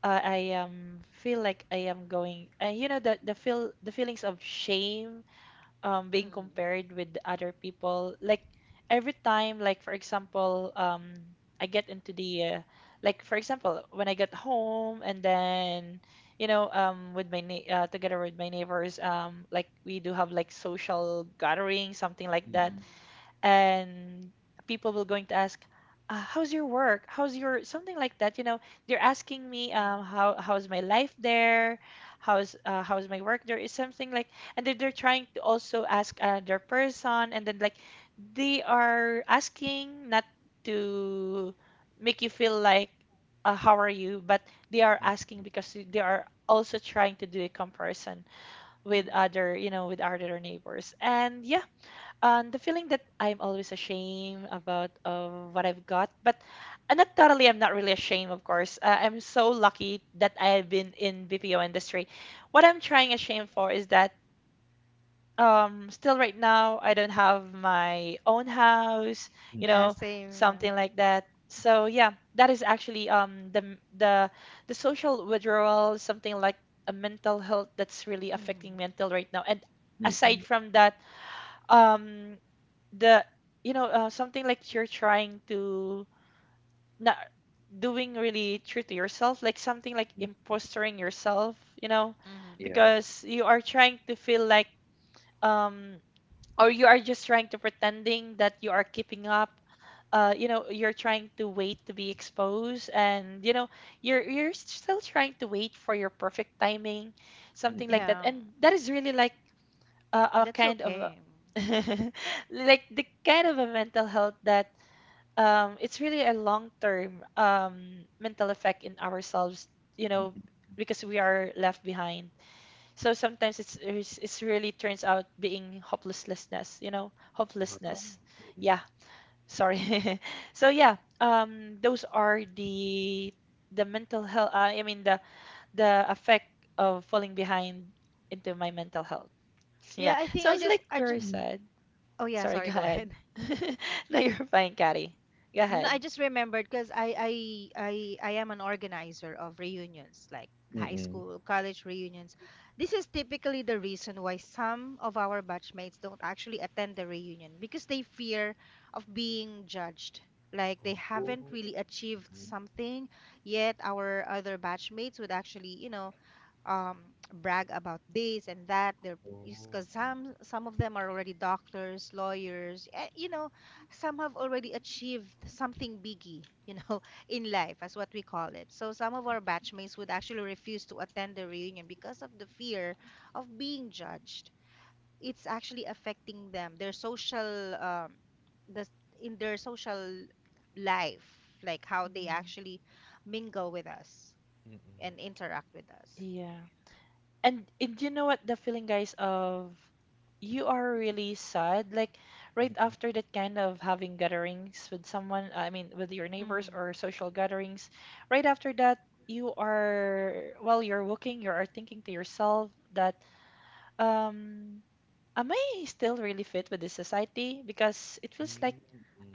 A: I feel like I am going, and you know the feel the feelings of shame being
B: mm,
A: compared with other people. Like every time, like for example, I get into the, like for example when I get home and then with my together with my neighbors, like we do have like social gathering, something like that,
B: mm,
A: and people will going to ask, "How's your work? How's your something like that?" You know, they're asking me,
B: yeah.
A: "How's my life there? How's how's my work there is something like," and then they're trying to also ask another person, and then like they are asking not to make you feel like, "How are you?" But they are asking because they are also trying to do a comparison with
B: Mm.
A: other, you know, with other neighbors. And yeah, and the feeling that I'm always ashamed about what I've got, but not totally. I'm not really ashamed, of course. I'm so lucky that I have been in BPO industry. What I'm trying ashamed for is that still right now I don't have my own house, you
B: Yeah,
A: know,
B: same. Yeah.
A: something like that. So yeah, that is actually um, the social withdrawal, something like a mental health that's really
B: Mm-hmm.
A: affecting me until right now. And aside from that, um the you know something like you're trying to not doing really true to yourself like something like impostering yourself, you know,
B: Mm, mm.
A: because you are trying to feel like um or you are just trying to pretending that you are keeping up, you know, you're trying to wait to be exposed, and you know you're still trying to wait for your perfect timing, something like that,
B: Yeah.
A: and that is really like a, a
B: That's
A: kind of a
B: okay.
A: (laughs) like the kind of a mental health that, it's really a long-term mental effect in ourselves, you know, because we are left behind. So sometimes it's really turns out being hopelessness, you know,
B: Mhm.
A: hopelessness. Yeah, sorry. (laughs) So yeah, those are the mental health. I mean the effect of falling behind into my mental health. (laughs)
B: Yeah,
A: Yeah,
B: I think I
A: sounds
B: just
A: like
B: I just
A: very sad.
B: oh yeah,
A: Sorry,
B: sorry,
A: go
B: go
A: ahead.
B: ahead. (laughs)
A: (laughs) No, you're fine, Carrie. Go
B: No, I
A: ahead.
B: just remembered because I am an organizer of reunions, like high school, college reunions. This is typically the reason why some of our batchmates don't actually attend the reunion because they fear of being judged. Like they haven't really achieved something yet. Our other batchmates would actually, you know, brag about this and that. They're because some of them are already doctors, lawyers. Eh, you know, some have already achieved something biggie. You know, (laughs) in life, as what we call it. So some of our batchmates would actually refuse to attend the reunion because of the fear of being judged. It's actually affecting them, their the social life, like how they
A: Mhm.
B: actually mingle with us and interact with us.
A: Yeah. And you know what the feeling, guys, of you are really sad. Like right after that kind of having gatherings with someone, I mean, with your neighbors
B: Mm.
A: or social gatherings, right after that, you are, while you're walking, you are thinking to yourself that, um, am I still really fit with this society? Because it feels like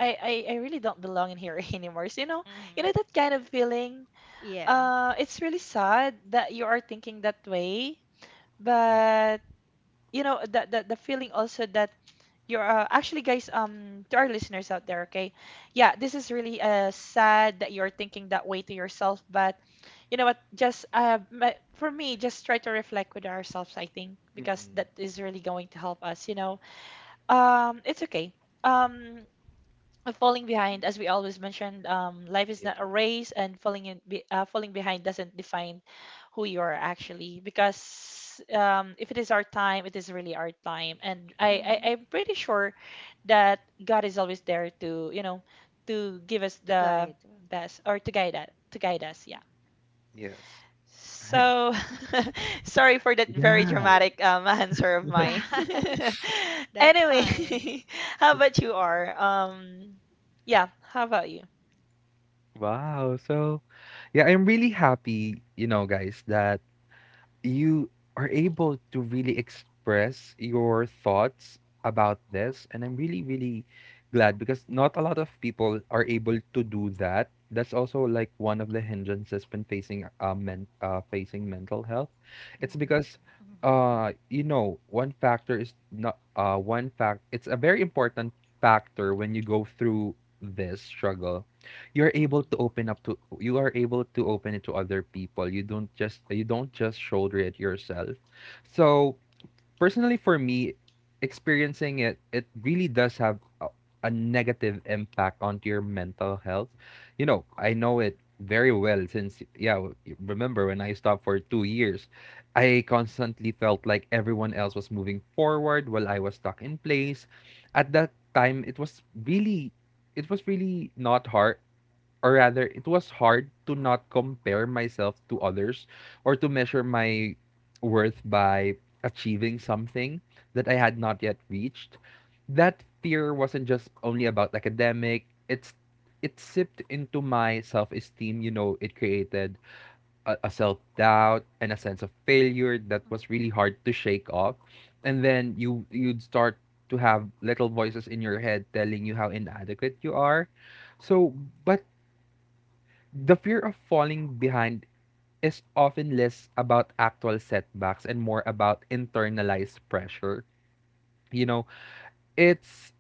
A: I really don't belong in here (laughs) anymore. So, you
B: Mhm.
A: know that kind of feeling.
B: Yeah.
A: It's really sad that you are thinking that way, but you know the feeling also that you're actually, guys, to our listeners out there, okay? Yeah, this is really sad that you're thinking that way to yourself, but you know what? Just for me, just try to reflect with ourselves, I think, because that is really going to help us, you know. It's okay. Um, of falling behind, as we always mentioned, life is
C: yeah.
A: not a race, and falling behind doesn't define who you are actually. Because if it is our time, it is really our time, and
B: Mhm.
A: I'm pretty sure that God is always there to, you know, to give us
B: To
A: the
B: guide.
A: best or to guide us to guide us. Yeah.
C: Yes.
A: So, (laughs) sorry for that very
C: Yeah.
A: dramatic (laughs) answer of mine.
B: (laughs)
A: (laughs)
B: That's
A: Anyway,
B: fine.
A: (laughs) how about you, are? Yeah, how about you?
C: Wow. So, yeah, I'm really happy, you know, guys, that you are able to really express your thoughts about this. And I'm really, really glad because not a lot of people are able to do that. That's also like one of the hindrances when facing men facing mental health. It's
A: Mhm.
C: because
B: Mhm.
C: you know one factor is not one fact it's a very important factor when you go through this struggle
B: Mhm.
C: you are able to open it to other people you don't just shoulder it yourself. So personally for me experiencing it, it really does have a negative impact onto your mental health. You know, I know it very well since, yeah, remember when I stopped for 2 years. I constantly felt like everyone else was moving forward while I was stuck in place. At that time, it was really not hard, or rather it was hard to not compare myself to others or to measure my worth by achieving something that I had not yet reached. That fear wasn't just only about academic. It's it sipped into my self-esteem, you know, it created a self-doubt and a sense of failure that was really hard to shake off. And then you you'd start to have little voices in your head telling you how inadequate you are. So, but the fear of falling behind is often less about actual setbacks and more about internalized pressure. You know, it's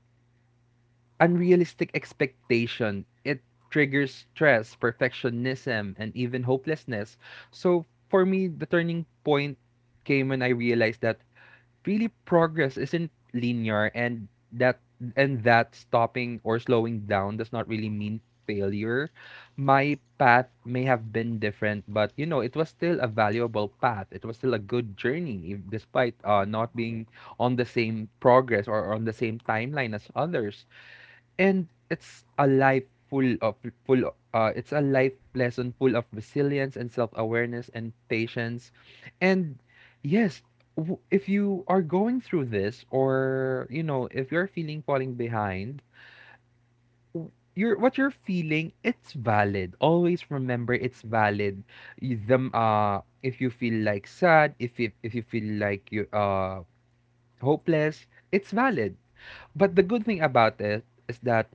C: unrealistic expectation. It triggers stress, perfectionism, and even hopelessness. So for me, the turning point came when I realized that really progress isn't linear, and that stopping or slowing down does not really mean failure. My path may have been different, but you know, it was still a valuable path. It was still a good journey if, despite
B: Mhm.
C: not being on the same progress or on the same timeline as others, and it's a life full of it's a life lesson full of resilience and self-awareness and patience. And yes, if you are going through this, or you know, if you're feeling falling behind, you're what you're feeling, it's valid. Always
B: Mhm.
C: remember it's valid. Y- them If you feel like sad, if you feel like you hopeless, it's valid. But is that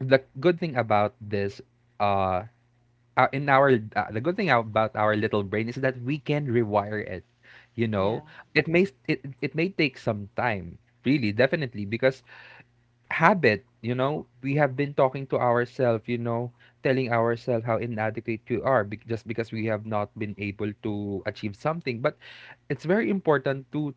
C: the good thing about this uh in our the good thing about our little brain is that we can rewire it, you
A: Yeah.
C: know. It, it may take some time, really, definitely, because habit, you know, we have been talking to ourselves, you know, telling ourselves how inadequate you are just because we have not been able to achieve something. But it's very important to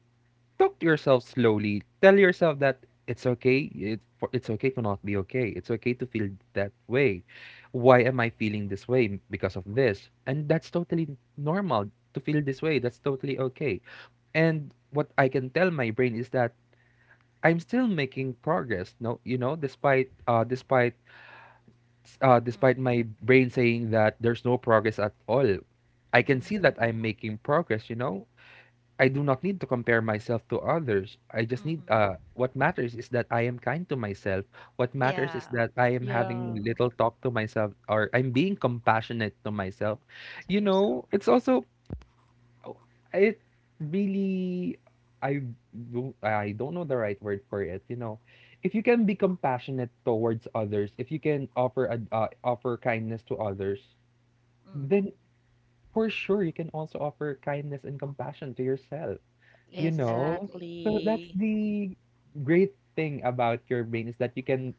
C: talk to yourself slowly. Tell yourself that it's okay. It's okay to not be okay. It's okay to feel that way. Why am I feeling this way because of this? And that's totally normal to feel this way. That's totally okay. And what I can tell my brain is that I'm still making progress. No, you know,
B: Mhm.
C: despite
B: Mhm.
C: my brain saying that there's no progress at all. I can see
A: Mhm.
C: that I'm making progress, you know. I do not need to compare myself to others. I just need
B: Mhm.
C: what matters is that I am kind to myself. What matters
B: Yeah,
C: is that I am having
A: Yeah,
C: little talk to myself, or I'm being compassionate to myself.
B: to
C: You
B: yourself.
C: know, it's also it really I do I don't know the right word for it, you know. If you can be compassionate towards others, if you can offer a offer kindness to others,
B: Mm.
C: then for sure you can also offer kindness and compassion to yourself.
B: Yes,
C: You know?
B: definitely.
C: So that's
A: exactly.
C: the great thing about your brain is that you can,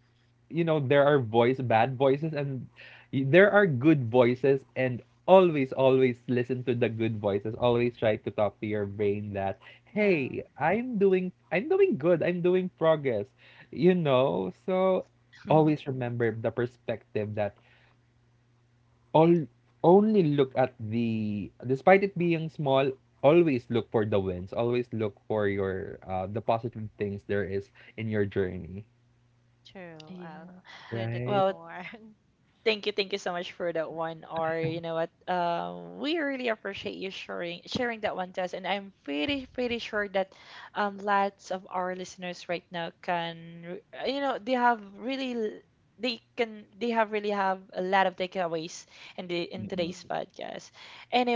C: you know, there are voice bad voices and there are good voices. And always, always listen to the good voices. Always try to talk to your brain that
B: Yeah.
C: hey, I'm doing good, I'm doing progress, you know. So always remember the perspective that all only look at the, despite it being small, always look for the wins, always look for your the positive things there is in your journey.
B: True.
A: (laughs) Yeah.
B: I couldn't agree
C: Right.
A: Well,
B: more. (laughs)
A: thank you, thank you so much for that one. Or you know what? We really appreciate you sharing that one to us, and I'm pretty sure that lots of our listeners right now can they can they have really have a lot of takeaways in the in today's
B: Mm.
A: podcast.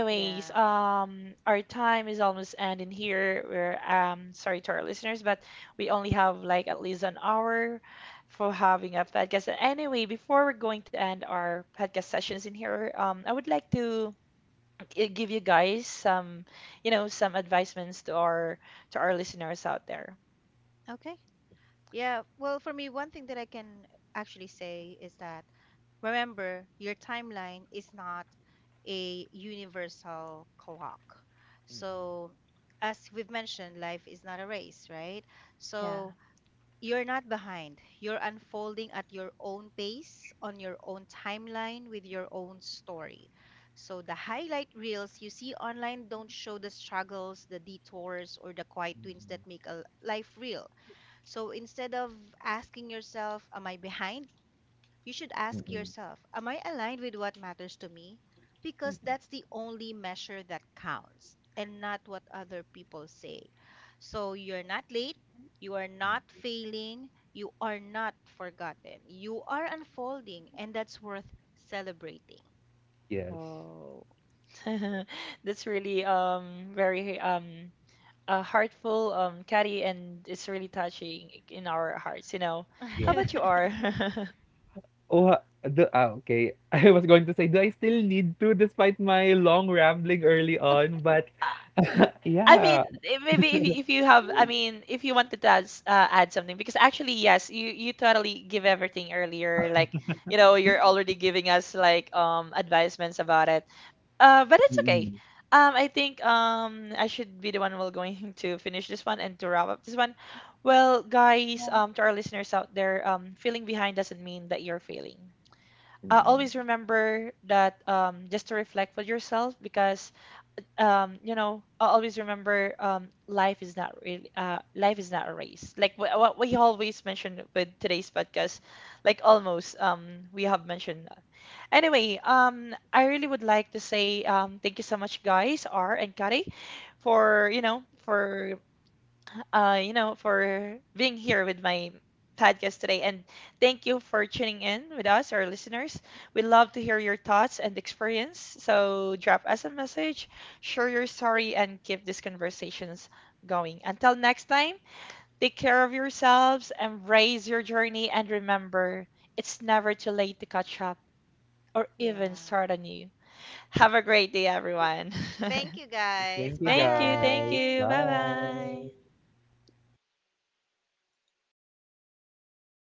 B: Yeah.
A: our time is almost ending here. We're sorry to our listeners, but we only have like at least an hour for having a podcast. And anyway, before we're going to end our podcast sessions in here, I would like to give you guys some, you know, some advisements to our listeners out there.
B: Okay. Yeah, well, for me, one thing that I can actually say is that remember, your timeline is not a universal clock. So, as we've mentioned, life is not a race, right? So,
A: Yeah.
B: you're not behind. You're unfolding at your own pace, on your own timeline, with your own story. So, the highlight reels you see online don't show the struggles, the detours, or the quiet wins that make a life real, so instead of asking yourself, am I behind? You should ask yourself, am I aligned with what matters to me? Because that's the only measure that counts and not what other people say. So you're not late, you are not failing, you are not forgotten, you are unfolding, and that's worth celebrating. (laughs)
C: Yes.
A: Oh, (laughs) that's really very heartful, Kari, and it's really touching in our hearts. You know, how
C: Yeah.
A: about you are?
C: Okay. (laughs) I was going to say, do I still need to, despite my long rambling early on, but
A: (laughs) I mean,
C: yeah,
A: maybe if you have, I mean, if you wanted to add, add something, because actually, yes, you totally give everything earlier. Like, you know, you're already giving us like advisements about it. But it's okay. I think I should be the one who will going (laughs) to finish this one and to wrap up this one. Well, guys, to our listeners out there, feeling behind doesn't mean that you're failing.
B: Mm,
A: Always remember that just to reflect for yourself because you know, I always remember life is not really life is not a race. Like what we always mention with today's podcast, like almost we have mentioned. That. Anyway, I really would like to say thank you so much, guys, R and Kari, for you know for you know, for being here with my podcast today. And thank you for tuning in with us, our listeners. We love to hear your thoughts and experience. So drop us a message, share your story, and keep these conversations going. Until next time, take care of yourselves, embrace your journey, and remember it's never too late to catch up or even
B: yeah.
A: start anew. Have a great day, everyone.
B: Thank you guys.
C: thank
A: (laughs)
C: you
A: Thank you.
C: guys,
A: Thank
B: Bye.
A: you. Bye bye.
C: bye.